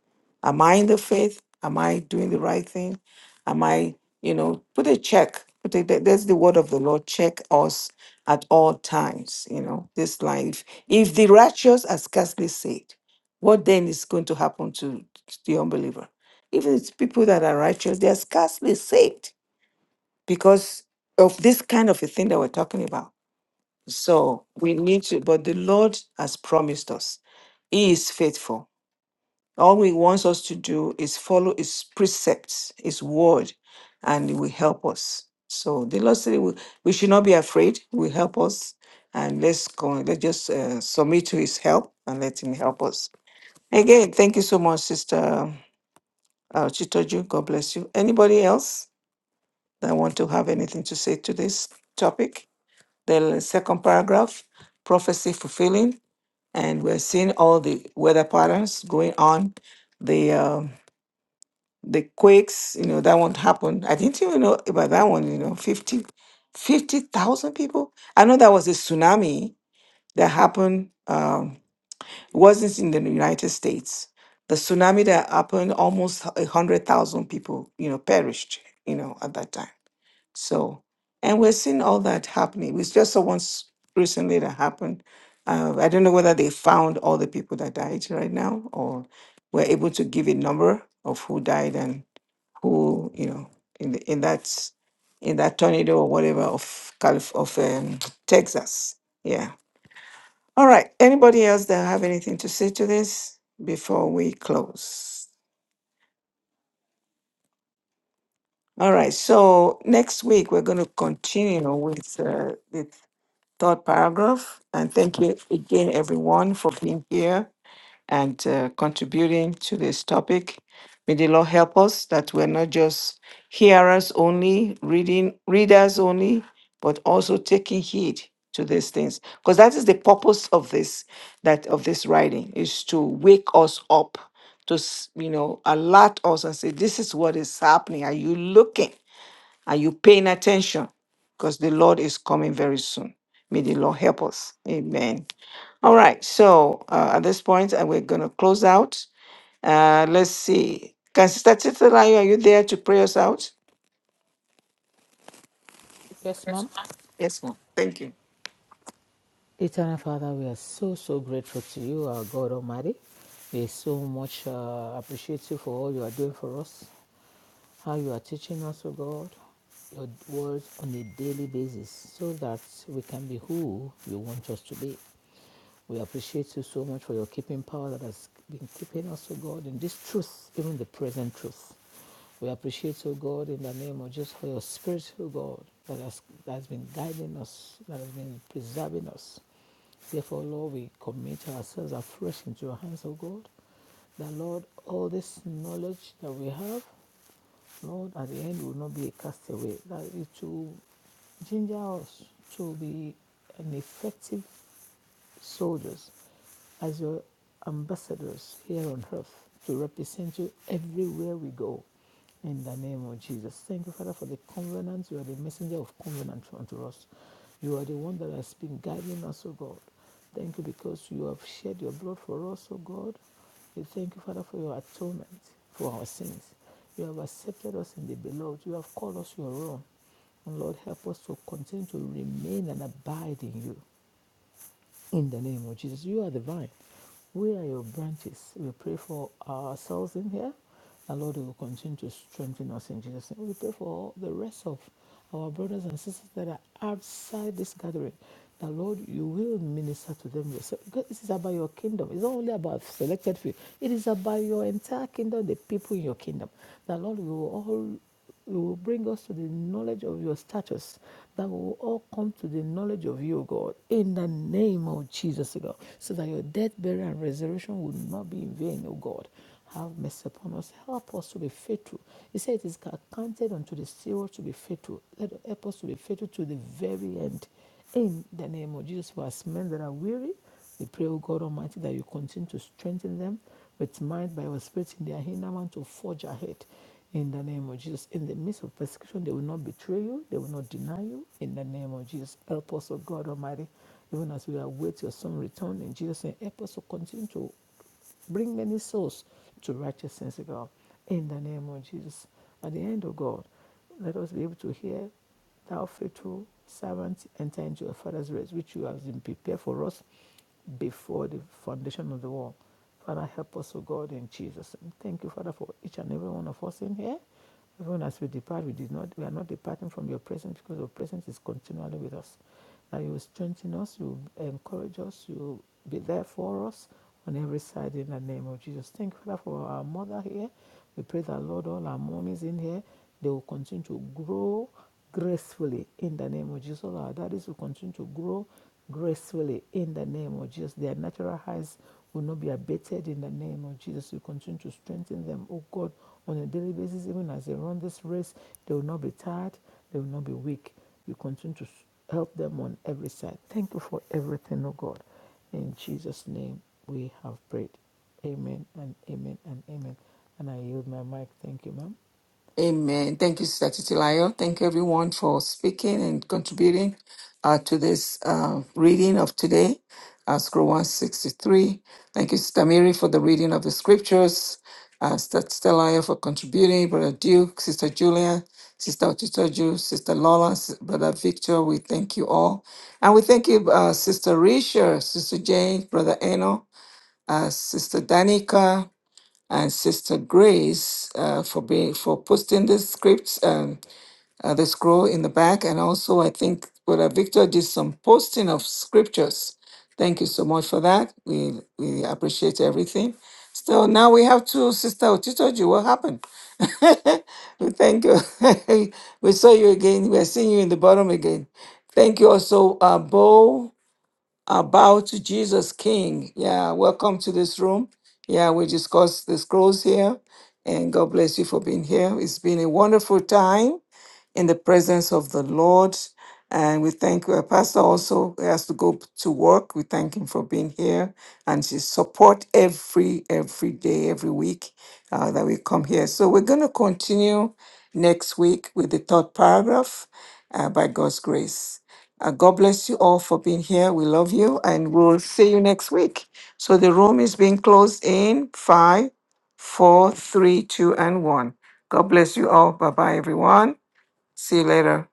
Am I in the faith? Am I doing the right thing? Am I, you know, put a check. Put a, that- that's the word of the Lord. Check us at all times. You know, this life. If the righteous are scarcely saved, what then is going to happen to the unbeliever? Even it's people that are righteous, they're scarcely saved because of this kind of a thing that we're talking about. So we need to, but the Lord has promised us. He is faithful. All He wants us to do is follow His precepts, His word, and He will help us. So the Lord said, we, we should not be afraid. He will help us, and let's go. Let's just uh, submit to His help and let Him help us. Again, thank you so much, Sister uh, Chitoju. God bless you. Anybody else? that want to have anything to say to this topic. The second paragraph, prophecy fulfilling, and we're seeing all the weather patterns going on, the um, the quakes, you know, that won't happen. I didn't even know about that one, you know, 50 50,000 people. I know that was a tsunami that happened. Um, it wasn't in the United States. The tsunami that happened, almost a hundred thousand people, you know, perished, you know, at that time. So, and we're seeing all that happening. We just saw once recently that happened. Uh, I don't know whether they found all the people that died right now, or were able to give a number of who died and who, you know, in the, in that in that tornado or whatever of Calif- of um, Texas. Yeah all right. Anybody else that have anything to say to this before we close? All right. So next week we're going to continue with uh, the third paragraph, and thank you again, everyone, for being here. and uh, contributing to this topic. May the Lord help us that we're not just hearers only, reading readers only, but also taking heed to these things, because that is the purpose of this that of this writing is to wake us up, to s- you know alert us and say, this is what is happening. Are you looking? Are you paying attention? Because the Lord is coming very soon. May the Lord help us. Amen. All right. So uh, at this point, uh, we're going to close out. Uh, let's see. Can Sister Titilayo, are you there to pray us out?
Yes, ma'am.
Yes, ma'am. Thank you.
Eternal Father, we are so, so grateful to you, our God Almighty. We so much uh, appreciate you for all you are doing for us how you are teaching us, O God, your words on a daily basis so that we can be who you want us to be. We appreciate you so much for your keeping power that has been keeping us, O God, in this truth, even the present truth. We appreciate, O God, in the name of Jesus, for your spirit, O God, that has, that has been guiding us, that has been preserving us. Therefore, Lord, we commit ourselves afresh into your hands, O God. That, Lord, all this knowledge that we have, Lord, at the end, we will not be a castaway. That it will ginger us to be an effective soldiers as your ambassadors here on earth to represent you everywhere we go. In the name of Jesus. Thank you, Father, for the covenant. You are the messenger of covenant unto us. You are the one that has been guiding us, O God. Thank you because you have shed your blood for us, O God. We thank you, Father, for your atonement for our sins. You have accepted us in the beloved. You have called us your own. And Lord, help us to continue to remain and abide in you in the name of Jesus. You are the vine. We are your branches. We pray for ourselves in here. And Lord, you will continue to strengthen us in Jesus' name. We pray for all the rest of our brothers and sisters that are outside this gathering. That Lord, you will minister to them yourself. Because this is about your kingdom. It's not only about selected few. It is about your entire kingdom, the people in your kingdom. That Lord, we will all you will bring us to the knowledge of your status, that we will all come to the knowledge of you, God, in the name of Jesus, O God, so that your death, burial, and resurrection will not be in vain, O God. Have mercy upon us. Help us to be faithful. He said it is accounted unto the steward to be faithful. Let us help us to be faithful to the very end. In the name of Jesus, for as men that are weary, we pray, O God Almighty, that you continue to strengthen them with might by your spirit in their inner man to forge ahead. In the name of Jesus. In the midst of persecution, they will not betray you, they will not deny you. In the name of Jesus. Help us, O God Almighty, even as we await your son return in Jesus' name. Help us to continue to Bring many souls to righteousness, O God, in the name of Jesus. At the end, O God, let us be able to hear, Thou faithful servant, enter into your Father's rest, which you have been prepared for us before the foundation of the world. Father, help us, O God, in Jesus. name. Thank you, Father, for each and every one of us in here. Even as we depart, we did not we are not departing from your presence because your presence is continually with us. That you will strengthen us, you will encourage us, you will be there for us on every side in the name of Jesus. Thank you, Father, for our mother here. We pray that Lord, all our mommies in here, they will continue to grow gracefully in the name of Jesus. All our daddies will continue to grow gracefully in the name of Jesus. Their natural highs will not be abated in the name of Jesus. We continue to strengthen them, oh God, on a daily basis, even as they run this race. They will not be tired, they will not be weak. You continue to help them on every side. Thank you for everything, oh God. In Jesus' name we have prayed. Amen and amen and amen. And I yield my mic. Thank you, ma'am.
Amen. Thank you, Sister Titilayo. Thank you, everyone, for speaking and contributing uh, to this uh, reading of today, uh, Scroll 163. Thank you, Sister Mary, for the reading of the scriptures, uh, Sister Titilayo for contributing, Brother Duke, Sister Julia, Sister Otitoju, Sister Lola, S- Brother Victor. We thank you all. And we thank you, uh, Sister Risha, Sister Jane, Brother Eno, uh, Sister Danica, and Sister Grace uh, for being for posting the scripts and uh, the scroll in the back, and also I think Brother Victor did some posting of scriptures. Thank you so much for that. We we appreciate everything. So now we have to Sister Otitoji. What happened? we thank you. we saw you again. We are seeing you in the bottom again. Thank you also, uh, Bo. About Jesus King. Yeah, welcome to this room. Yeah, we discuss the scrolls here, and God bless you for being here. It's been a wonderful time in the presence of the Lord. And we thank uh, Pastor also has to go to work. We thank him for being here and his support every every day, every week uh, that we come here. So we're going to continue next week with the third paragraph uh, by God's grace. Uh, God bless you all for being here. We love you, and we'll see you next week. So the room is being closed in five, four, three, two, and one. God bless you all. Bye bye, everyone. See you later.